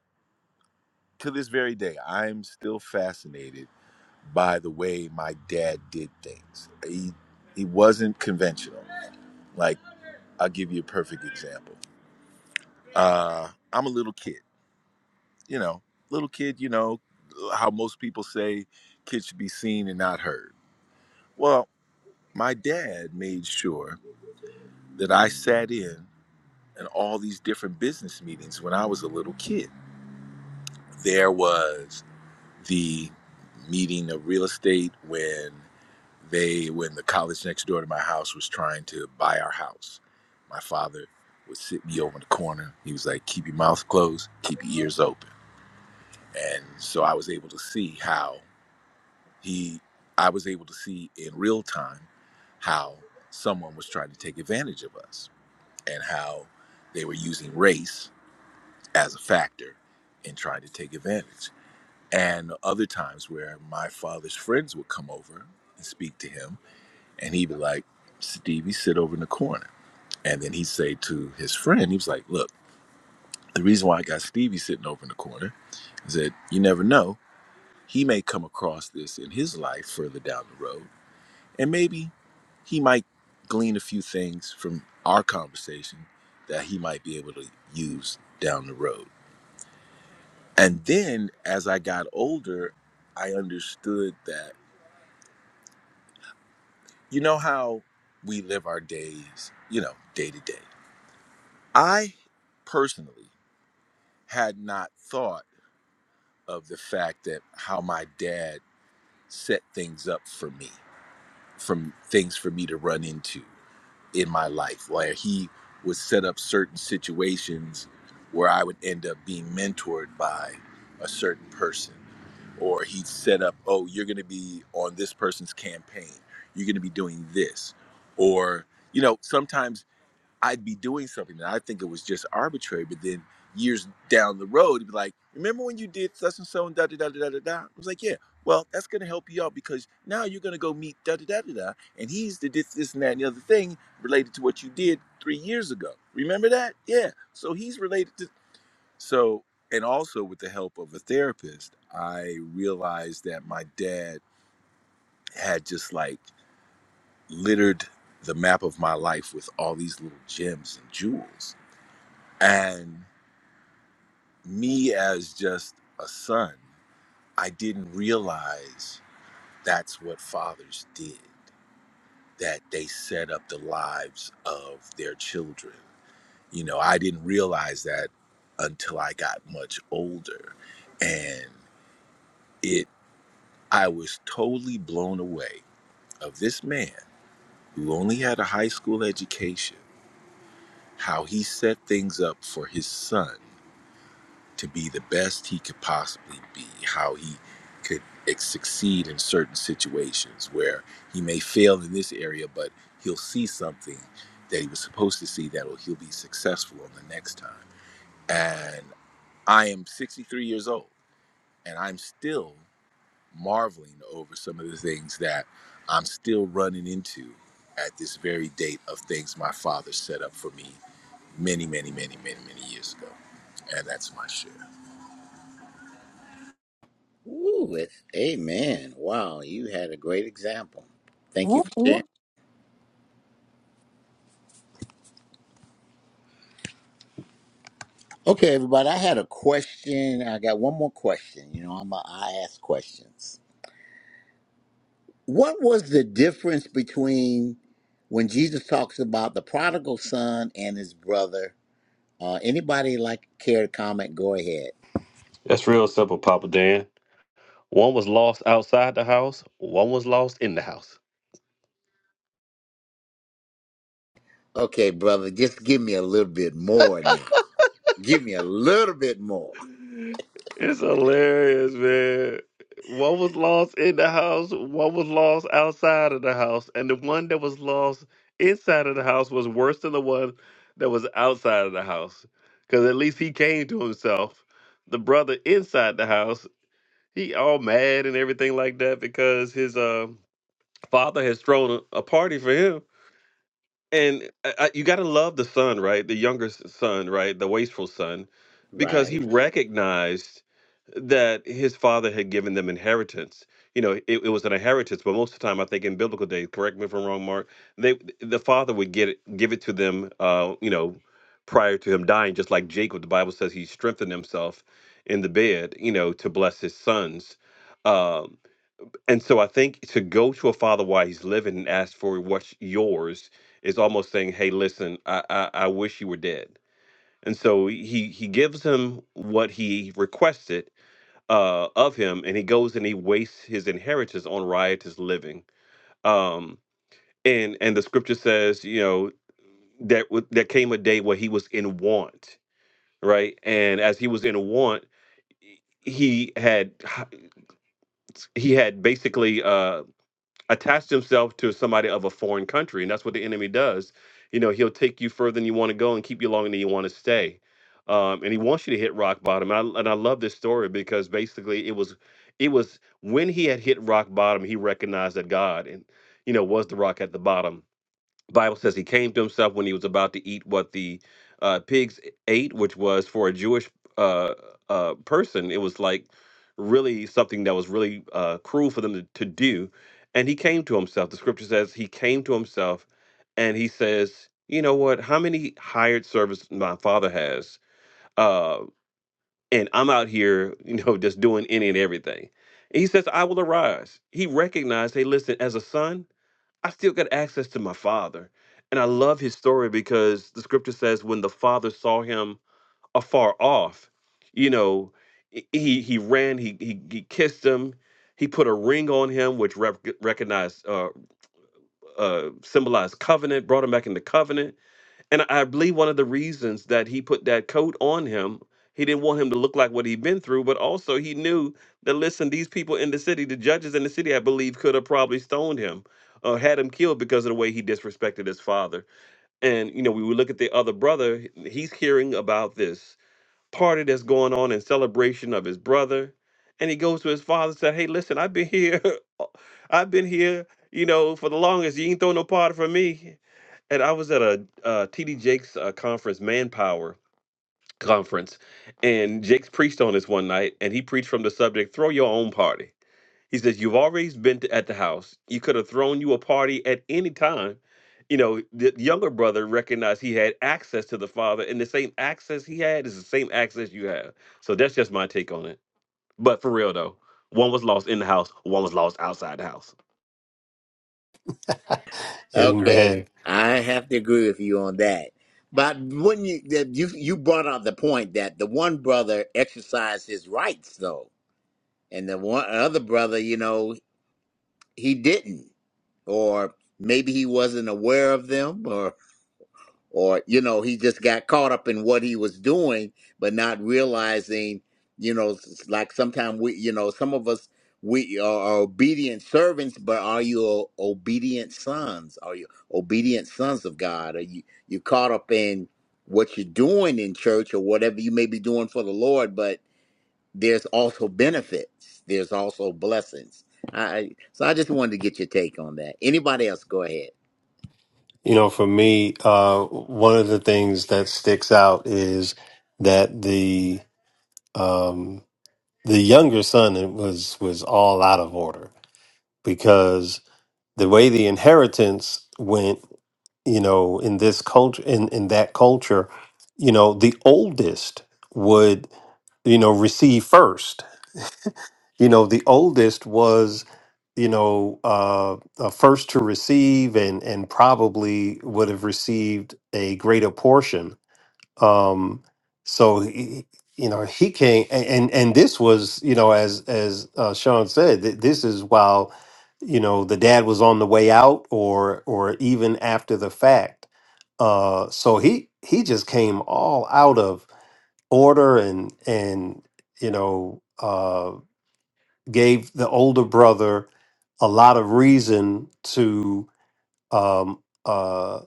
Speaker 8: to this very day, I'm still fascinated by the way my dad did things. He he wasn't conventional. Like I'll give you a perfect example. Uh, I'm a little kid you know, little kid, you know, how most people say kids should be seen and not heard. Well, my dad made sure that I sat in in all these different business meetings when I was a little kid. There was the meeting of real estate when they when the college next door to my house was trying to buy our house. My father would sit me over in the corner. He was like, "Keep your mouth closed, keep your ears open." And so I was able to see how He, I was able to see in real time how someone was trying to take advantage of us and how they were using race as a factor in trying to take advantage. And other times where my father's friends would come over and speak to him, and he'd be like, Stevie, sit over in the corner. And then he'd say to his friend, he was like, Look, the reason why I got Stevie sitting over in the corner is that you never know. He may come across this in his life further down the road And maybe he might glean a few things from our conversation that he might be able to use down the road. And then as I got older, I understood that, you know, how we live our days, you know, day to day. I personally had not thought of the fact that how my dad set things up for me, from things for me to run into. in my life where he would set up certain situations where I would end up being mentored by a certain person. Or he'd set up, oh, you're going to be on this person's campaign. You're going to be doing this. Or, you know, sometimes I'd be doing something that I think it was just arbitrary, but then years down the road, it'd be like, remember when you did such and so and da da da da da da da? I was like, yeah, well, that's gonna help you out because now you're gonna go meet da da da da da, and he's the this this and that and the other thing related to what you did three years ago. Remember that? Yeah. So he's related to so, and also with the help of a therapist, I realized that my dad had just like littered the map of my life with all these little gems and jewels and me, as just a son, I didn't realize that's what fathers did, that they set up the lives of their children. You know, I didn't realize that until I got much older. And it, I was totally blown away of this man who only had a high school education, how he set things up for his son to be the best he could possibly be, how he could ex- succeed in certain situations where he may fail in this area, but he'll see something that he was supposed to see that he'll be successful on the next time. And I am 63 years old, and I'm still marveling over some of the things that I'm still running into at this very date of things my father set up for me many, many, many, many, many years ago. And that's my share.
Speaker 1: Ooh, with amen. Wow, you had a great example. Thank you for sharing. Okay, everybody, I had a question. I got one more question. You know, I'm a, I ask questions. What was the difference between when Jesus talks about the prodigal son and his brother? Uh, anybody like care to comment? Go ahead.
Speaker 2: That's real simple, Papa Dan. One was lost outside the house, one was lost in the house.
Speaker 1: Okay, brother, just give me a little bit more now. Give me a little bit more.
Speaker 2: It's hilarious, man. What was lost in the house, what was lost outside of the house, and the one that was lost inside of the house was worse than the one that was outside of the house. Because at least he came to himself. The brother inside the house, he all mad and everything like that because his uh, father has thrown a, a party for him and I, I, you got to love the son, right? The younger s- son, right? The wasteful son, because
Speaker 1: Right.
Speaker 2: he recognized that his father had given them inheritance. You know, it, it was an inheritance, but most of the time, I think in biblical days, correct me if I'm wrong, Mark, they the father would get it, give it to them. Uh, you know, prior to him dying, just like Jacob, the Bible says he strengthened himself in the bed. You know, to bless his sons. Um, and so I think to go to a father while he's living and ask for what's yours is almost saying, "Hey, listen, I I, I wish you were dead." And so he he gives him what he requested uh, of him, and he goes and he wastes his inheritance on riotous living. Um, and and the scripture says, you know, that w- there came a day where he was in want, right? And as he was in want, he had h- he had basically uh. attached himself to somebody of a foreign country, and that's what the enemy does. You know, he'll take you further than you want to go and keep you longer than you want to stay. Um, and he wants you to hit rock bottom. And I, and I love this story because basically it was it was when he had hit rock bottom, he recognized that God and you know was the rock at the bottom the Bible says he came to himself when he was about to eat what the uh, pigs ate, which was for a Jewish uh, uh, person. It was like really something that was really uh, cruel for them to, to do. And he came to himself. The scripture says he came to himself and he says, You know what? How many hired servants my father has? Uh, and I'm out here, you know, just doing any and everything. And he says, I will arise. He recognized, Hey, listen, as a son, I still got access to my father. And I love his story because the scripture says when the father saw him afar off, you know, he he he ran, he he, he kissed him, he put a ring on him, which rep- recognized uh, uh, symbolized covenant, brought him back into covenant and I believe one of the reasons that he put that coat on him, he didn't want him to look like what he'd been through, but also he knew that, listen, these people in the city, the judges in the city, I believe, could have probably stoned him or had him killed because of the way he disrespected his father. And, you know, we would look at the other brother, he's hearing about this party that's going on in celebration of his brother. And he goes to his father and said, Hey, listen, I've been here. I've been here, you know, for the longest. You ain't throw no party for me and I was at a uh, TD Jakes uh, conference, Manpower conference, and Jakes preached on this one night, and he preached from the subject: "Throw your own party." He says, "You've already been to, at the house. You could have thrown you a party at any time." You know, the younger brother recognized he had access to the father, and the same access he had is the same access you have. So that's just my take on it. But for real though, one was lost in the house, one was lost outside the house.
Speaker 1: Okay,
Speaker 4: amen
Speaker 1: I have to agree with you on that. But when you that you you brought out the point that the one brother exercised his rights though, and the one other brother, you know, he didn't, or maybe he wasn't aware of them, or you know he just got caught up in what he was doing but not realizing you know s- like sometimes we you know some of us we are, are obedient servants but are you o- obedient sons are you obedient sons of god are you you caught up in what you're doing in church or whatever you may be doing for the lord but there's also benefits there's also blessings I, I- so i just wanted to get your take on that anybody else go ahead
Speaker 4: you know for me uh one of the things that sticks out is that the um the younger son was was all out of order because the way the inheritance went you know in this culture in in that culture you know the oldest would you know receive first you know the oldest was you know uh, uh first to receive and and probably would have received a greater portion um so he, you know he came and, and and this was you know as as uh, sean said th- this is while you know the dad was on the way out or or even after the fact uh so he he just came all out of order and and you know uh gave the older brother a lot of reason to um uh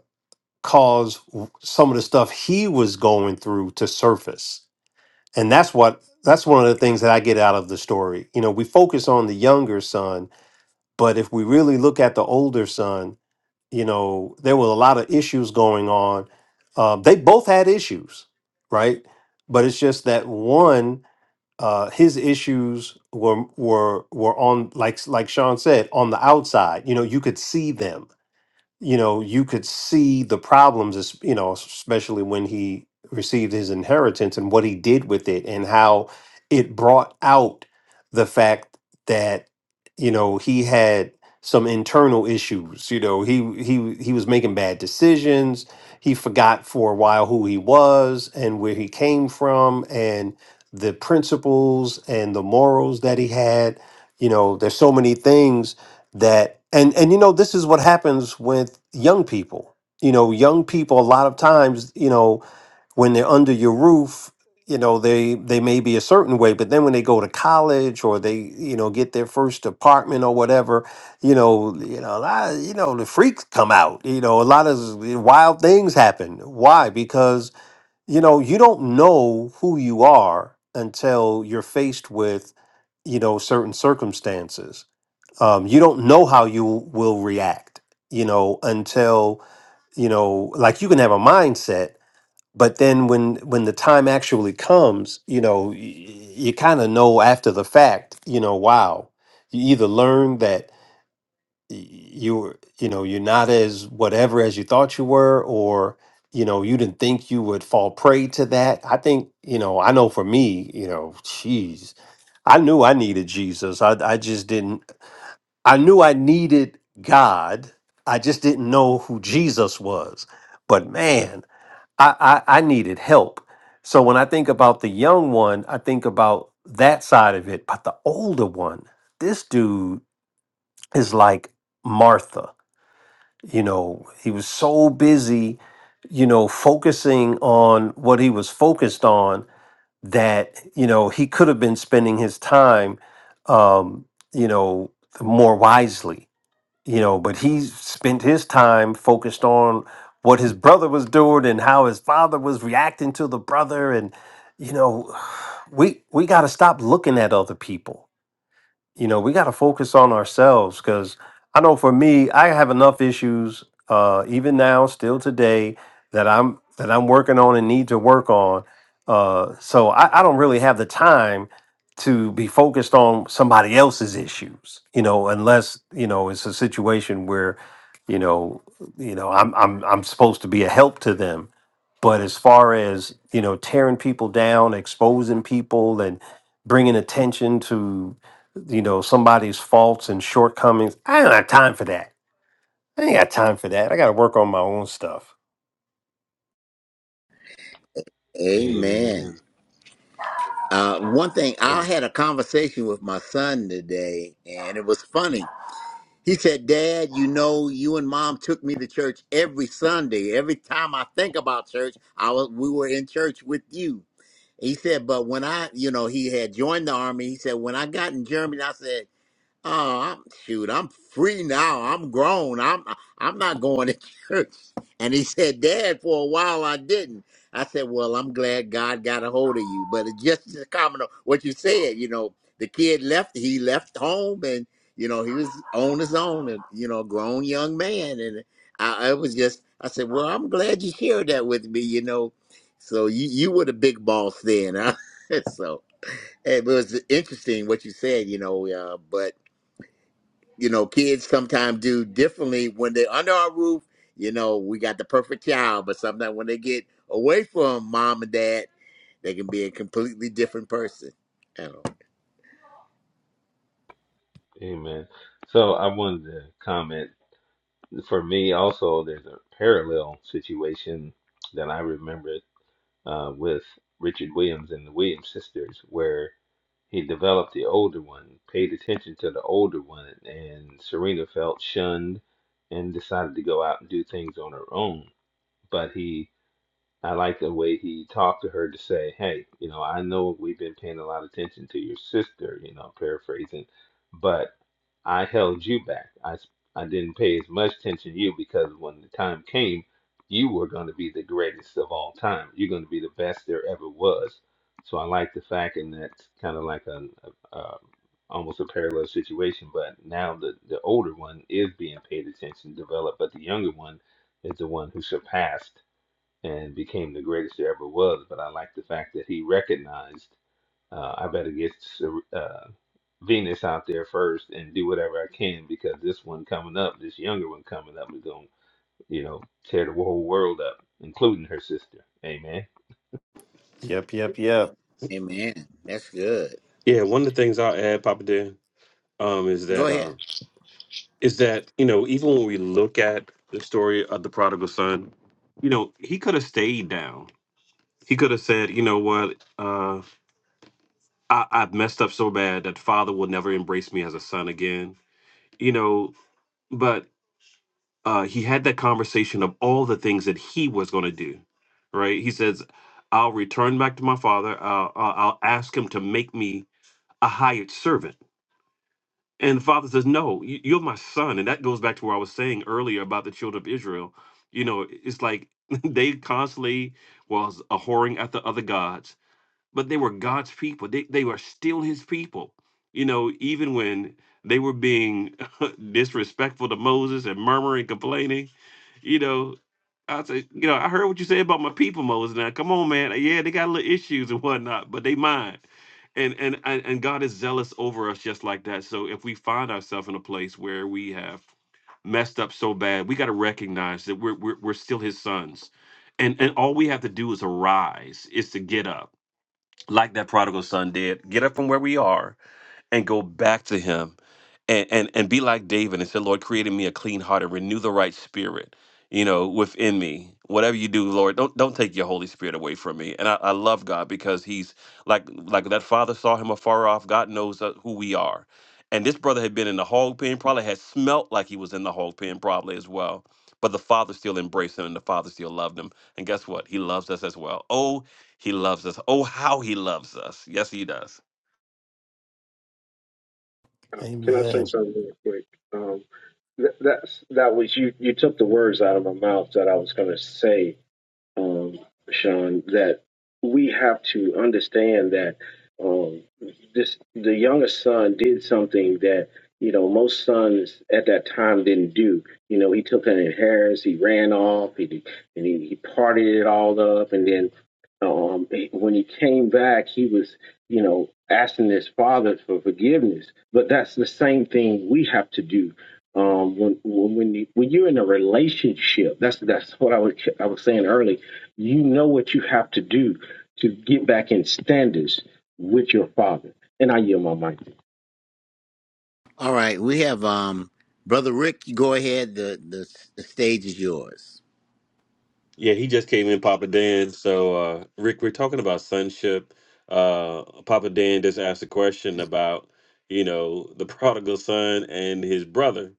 Speaker 4: cause w- some of the stuff he was going through to surface and that's what that's one of the things that I get out of the story. You know, we focus on the younger son, but if we really look at the older son, you know, there were a lot of issues going on. Um, they both had issues, right? But it's just that one, uh, his issues were were were on like like Sean said on the outside. You know, you could see them you know, you could see the problems, es- you know, especially when he received his inheritance and what he did with it and how it brought out the fact that, you know, he had some internal issues. You know, he he he was making bad decisions. He forgot for a while who he was and where he came from and the principles and the morals that he had. You know, there's so many things that and and you know this is what happens with young people you know young people a lot of times you know when they're under your roof you know they they may be a certain way but then when they go to college or they you know get their first apartment or whatever you know you know a lot of- you know the freaks come out you know a lot of s- wild things happen why because you know you don't know who you are until you're faced with you know certain circumstances um, you don't know how you will react you know until you know like you can have a mindset but then when when the time actually comes you know y- you kind of know after the fact you know wow you either learn that y- you were you know you're not as whatever as you thought you were or you know you didn't think you would fall prey to that i think you know i know for me you know jeez I knew I needed Jesus. I, I just didn't. I knew I needed God. I just didn't know who Jesus was. But man, I, I, I needed help. So when I think about the young one, I think about that side of it. But the older one, this dude is like Martha. You know, he was so busy, you know, focusing on what he was focused on that, you know, he could have been spending his time, um, you know, more wisely you know, but he spent his time focused on what his brother was doing and how his father was reacting to the brother and you know, we we got to stop looking at other people you know, we got to focus on ourselves because I know for me, I have enough issues, uh, even now, still today, that I'm that I'm working on and need to work on. Uh, so I, I don't really have the time to be focused on somebody else's issues, you know, unless you know it's a situation where, you know, you know, I'm I'm I'm supposed to be a help to them but as far as you know, tearing people down, exposing people, and bringing attention to you know somebody's faults and shortcomings, I don't have time for that. I ain't got time for that. I got to work on my own stuff.
Speaker 1: amen
Speaker 6: Amen.
Speaker 1: Uh, one thing,
Speaker 6: Uh,
Speaker 1: I had a conversation with my son today, and it was funny. He said, Dad, you know, you and mom took me to church every Sunday. Every time I think about church, I was, we were in church with you. He said, but when I, you know, he had joined the army, he said, when I got in Germany, I said, Oh, I'm, shoot, I'm free now. I'm grown. I'm I'm not going to church. And he said, Dad, for a while I didn't. I said, Well, I'm glad God got a hold of you. But it's just a comment on what you said, you know, the kid left, he left home and, you know, he was on his own and, you know, a grown young man. And I, I was just, I said, Well, I'm glad you shared that with me, you know. So you, you were the big boss then. Huh? so it was interesting what you said, you know, uh, but you know, kids sometimes do differently when they're under our roof. You know, we got the perfect child, but sometimes when they get away from mom and dad, they can be a completely different person. Oh,
Speaker 6: Amen. So I wanted to comment. For me, also, there's a parallel situation that I remembered uh, with Richard Williams and the Williams sisters, where He developed the older one, paid attention to the older one, and Serena felt shunned and decided to go out and do things on her own. But he I like the way he talked to her to say, hey, you know, I know we've been paying a lot of attention to your sister, you know, paraphrasing, but I held you back. I I s- I didn't pay as much attention to you because when the time came, you were going to be the greatest of all time. You're going to be the best there ever was. So I like the fact, and that's kind of like an a, a, almost a parallel situation. But now the the older one is being paid attention, developed, but the younger one is the one who surpassed and became the greatest there ever was. But I like the fact that he recognized uh, I better get uh, Venus out there first and do whatever I can because this one coming up, this younger one coming up, is going to, you know, tear the whole world up, including her sister. Amen.
Speaker 4: Yep, yep, yep.
Speaker 1: amen. That's good.
Speaker 2: Yeah, one of the things I'll add, Papa Dan, um, is
Speaker 1: Go
Speaker 2: that
Speaker 1: ahead.
Speaker 2: um, is that you know even when we look at the story of the prodigal son you know he could have stayed down he could have said you know what uh I, i've messed up so bad that father will never embrace me as a son again you know but uh he had that conversation of all the things that he was going to do right he says i'll return back to my father uh, i'll I'll ask him to make me a hired servant And the father says, No, you- you're my son. And that goes back to where I was saying earlier about the children of Israel. You know, it's like they constantly was a whoring after other gods, but they were God's people. They, they were still his people. You know, even when they were being disrespectful to Moses and murmuring, complaining, you know, I say, you know, I heard what you said about my people, Moses. Now, come on, man. Yeah, they got little issues and whatnot, but they mine. And, and and and God is zealous over us just like that. So if we find ourselves in a place where we have messed up so bad, we got to recognize that we're, we're we're still His sons, and and all we have to do is arise, is to get up, like that prodigal son did, get up from where we are, and go back to him and, and, and be like David and say, Lord, create in me a clean heart and renew the right spirit, you know, within me. Whatever you do, Lord, don't don't take your Holy Spirit away from me. And I, I love God because he's like like that father saw him afar off. God knows uh, who we are. And this brother had been in the hog pen, probably had smelt like he was in the hog pen, probably as well. But the father still embraced him and the father still loved him. And guess what? He loves us as well. Oh, he loves us. Oh, how he loves us. Yes, he does.
Speaker 5: Can I say
Speaker 4: Amen.
Speaker 5: something real quick? Um, th- that's that was you. You took the words out of my mouth that I was going to say um, Sean, that we have to understand that um, this the youngest son did something that you know most sons at that time didn't do. You know, he took an inheritance, he ran off, he and he, he partied it all up, and then um, when he came back, he was, you know, asking his father for forgiveness. But that's the same thing we have to do um, when when when, you, when you're in a relationship. That's that's what I was I was saying early. You know what you have to do to get back in standards with your father. And I yield my mic.
Speaker 1: All right, we have um brother Rick. you Go ahead. The the, the stage is yours.
Speaker 2: Yeah, he just came in, Papa Dan. So, uh, Rick, we're talking about sonship. Uh, Papa Dan just asked a question about, you know, the prodigal son and his brother.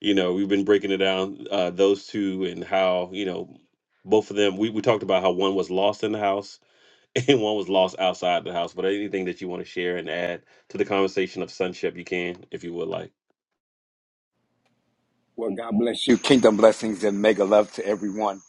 Speaker 2: You know, we've been breaking it down, uh, those two, and how, you know, both of them, we, we talked about how one was lost in the house and one was lost outside the house. But anything that you want to share and add to the conversation of sonship, you can, if you would like.
Speaker 9: Well, God bless you. Kingdom blessings and mega love to everyone.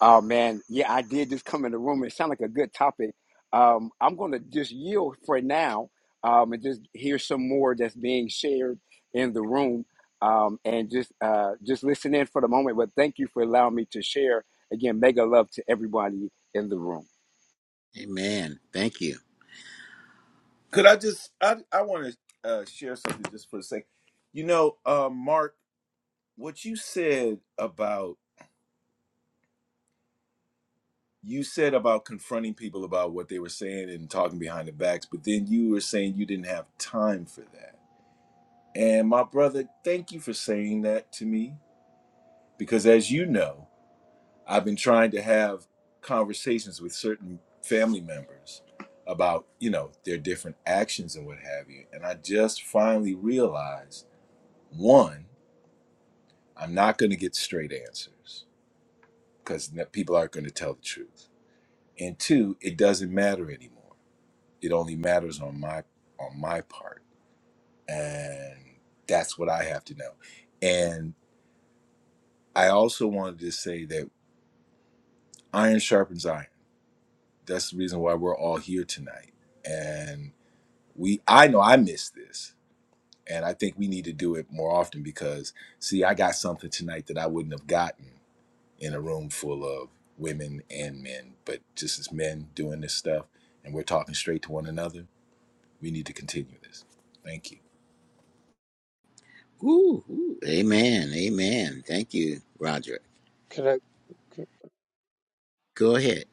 Speaker 9: Uh, man, yeah, I did just come in the room. It sounded like a good topic. Um, I'm going to just yield for now um, and just hear some more that's being shared in the room um, and just uh, just listen in for the moment. But thank you for allowing me to share. Again, mega love to everybody in the room.
Speaker 1: Amen. Thank you.
Speaker 8: Could I just? I I want to uh, share something just for a sec. You know, uh, Mark, what you said about you said about confronting people about what they were saying and talking behind their backs, but then you were saying you didn't have time for that. And my brother, thank you for saying that to me because, as you know, I've been trying to have conversations with certain family members about you know their different actions and what have you, and I just finally realized one. I'm not going to get straight answers because people aren't going to tell the truth. And two, it doesn't matter anymore. It only matters on my on my part, and that's what I have to know. And I also wanted to say that iron sharpens iron. That's the reason why we're all here tonight. And we, I know I missed this, and I think we need to do it more often because see, I got something tonight that I wouldn't have gotten in a room full of women and men, but just as men doing this stuff and we're talking straight to one another, we need to continue this. Thank you.
Speaker 1: Ooh, ooh. Amen. Amen. Thank you, Roger.
Speaker 7: Correct.
Speaker 1: Go ahead.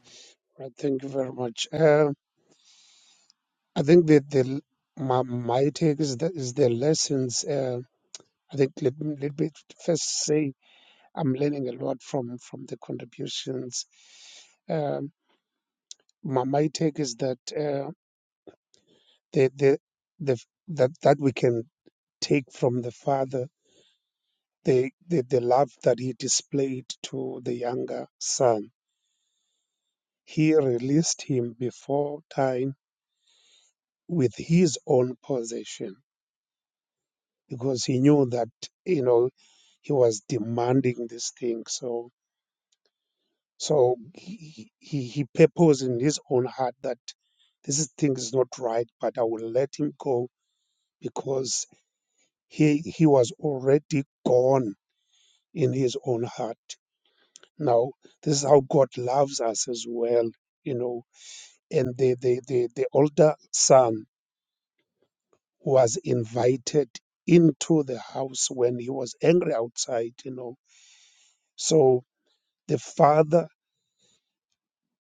Speaker 7: correct. Thank you very much. Um I think that the my, my take is the, is the lessons. Uh, I think let me, let me first say I'm learning a lot from from the contributions. Um, my, my take is that uh, the the the that that we can take from the father the, the, the love that he displayed to the younger son. He released him before time with his own possession because he knew that, you know, he was demanding this thing. So, so he, he, he purposed in his own heart that this is- thing is not right, but I will let him go because he, he was already gone in his own heart. Now this is how God loves us as well, you know. And the the the, the older son was invited into the house when he was angry outside, you know. So the father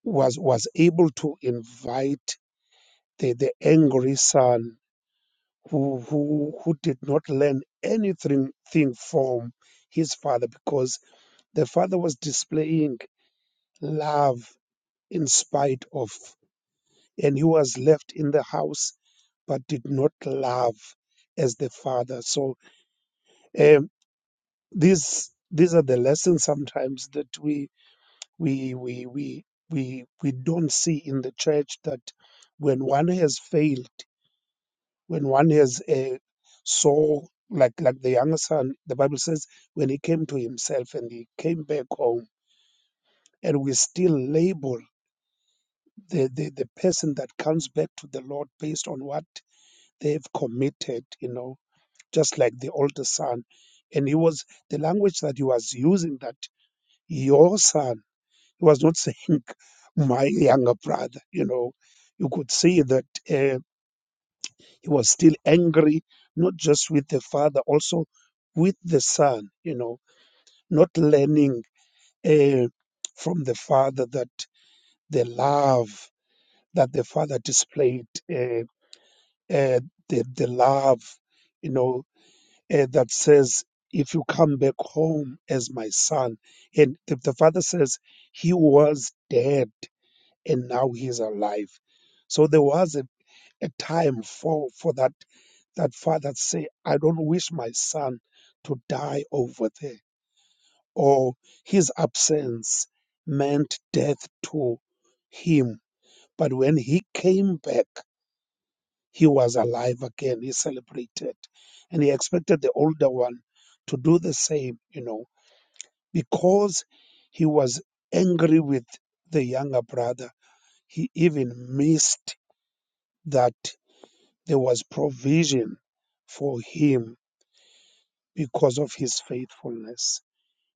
Speaker 7: was was able to invite the, the angry son who who who did not learn anything thing from his father because the father was displaying love in spite of and he was left in the house but did not love as the father so um, these these are the lessons sometimes that we we we we we we don't see in the church that when one has failed when one has uh, so like like the younger son the bible says when he came to himself and he came back home and we still label the, the the person that comes back to the lord based on what they've committed you know just like the older son. And he was the language that he was using that your son, he was not saying my younger brother, you know. You could see that uh, he was still angry, not just with the father, also with the son, you know, not learning uh, from the father that the love that the father displayed, uh, uh, the, the love, you know, uh, that says, If you come back home as my son. And the, the father says, He was dead and now he is alive. So there was a, a time for, for that, that father to say, I don't wish my son to die over there. Or his absence meant death to him. But when he came back, he was alive again. He celebrated. And he expected the older one to do the same, you know, because he was angry with the younger brother. He even missed that there was provision for him because of his faithfulness.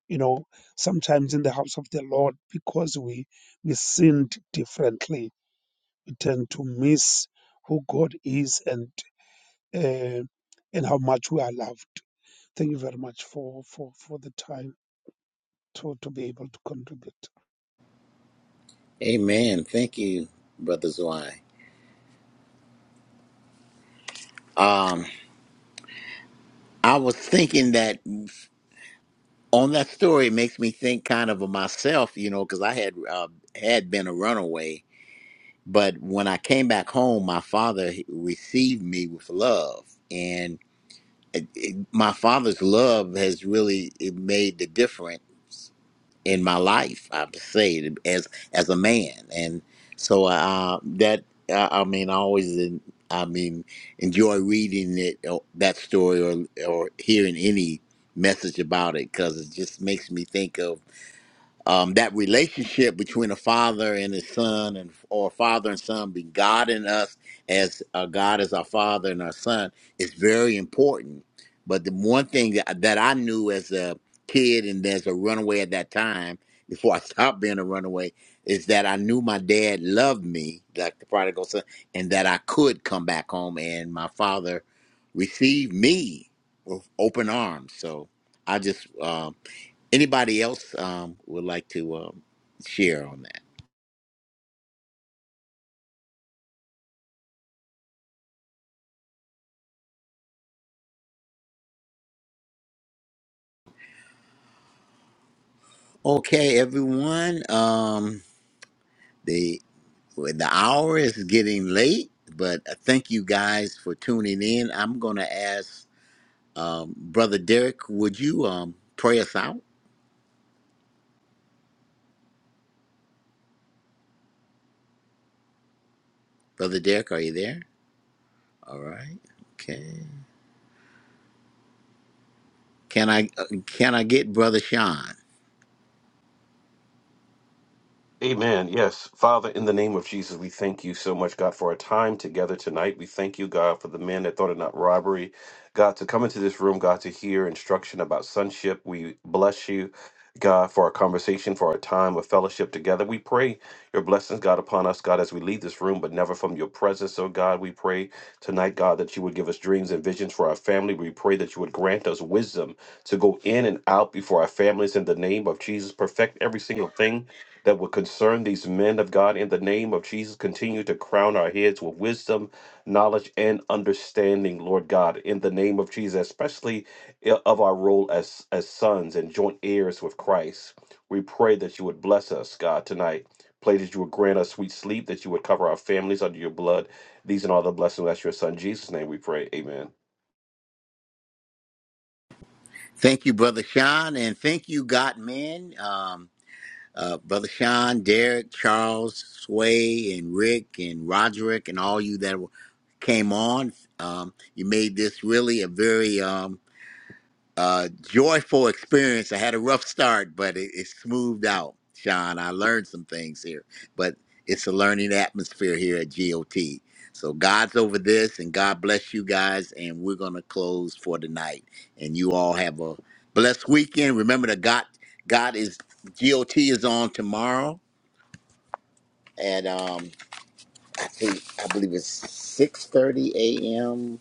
Speaker 7: You know, sometimes in the house of the Lord, because we we sinned differently, we tend to miss who God is and uh, and how much we are loved Thank you very much for for for the time to to be able to contribute.
Speaker 1: Amen. Thank you, brother Zwei. Um, I was thinking that on that story it makes me think kind of of myself, you know, because I had uh, had been a runaway, but when I came back home, my father received me with love, and it, it, my father's love has really it made the difference in my life. I have to say, as as a man, and so uh, that uh, I mean, I always en- I mean enjoy reading it or that story or or hearing any message about it because it just makes me think of um, that relationship between a father and his son and or a father and son be god in us as uh, god as our father and our son is very important but the one thing that, that i knew as a kid and as a runaway at that time before i stopped being a runaway is that i knew my dad loved me like the prodigal son and that i could come back home and my father received me with open arms. So I just um, anybody else um, would like to um, share on that. Okay, everyone. Um, the well, the hour is getting late, but thank you guys for tuning in. I'm gonna ask um, Brother Derek, would you um, pray us out? Brother Derek, are you there? All right. Okay. Can I uh, can I get Brother Sean?
Speaker 2: Amen. Yes. Father, in the name of Jesus, we thank you so much, God, for our time together tonight. We thank you, God, for the men that thought it not robbery. God, to come into this room, God, to hear instruction about sonship. We bless you, God, for our conversation, for our time of fellowship together. We pray your blessings, God, upon us, God, as we leave this room, but never from your presence. Oh, God, we pray tonight, God, that you would give us dreams and visions for our family. We pray that you would grant us wisdom to go in and out before our families in the name of Jesus. Perfect every single thing that would concern these men of God in the name of Jesus. Continue to crown our heads with wisdom, knowledge, and understanding, Lord God, in the name of Jesus, especially i- of our role as, as sons and joint heirs with Christ. We pray that you would bless us, God, tonight. Pray that you would grant us sweet sleep, that you would cover our families under your blood. These and all the blessings. That's your son, Jesus' name we pray. Amen.
Speaker 1: Thank you, Brother Sean, and thank you, God man. um, uh, Brother Sean, Derek, Charles, Sway, and Rick, and Roderick, and all you that were- came on. Um, you made this really a very um, uh, joyful experience. I had a rough start, but it, it smoothed out, Sean. I learned some things here, but it's a learning atmosphere here at GOT. So God's over this, and God bless you guys. And we're going to close for tonight. And you all have a blessed weekend. Remember that God, God is GOT is on tomorrow at um, I think I believe it's six thirty a.m.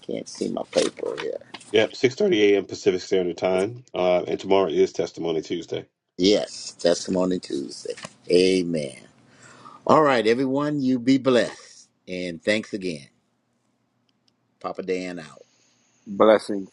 Speaker 1: Can't see my paper here.
Speaker 2: Yep, 6:30 a.m. Pacific Standard Time, uh, and tomorrow is Testimony Tuesday.
Speaker 1: Yes, Testimony Tuesday. Amen. All right, everyone, you be blessed. And thanks again. Papa Dan out.
Speaker 9: Blessings.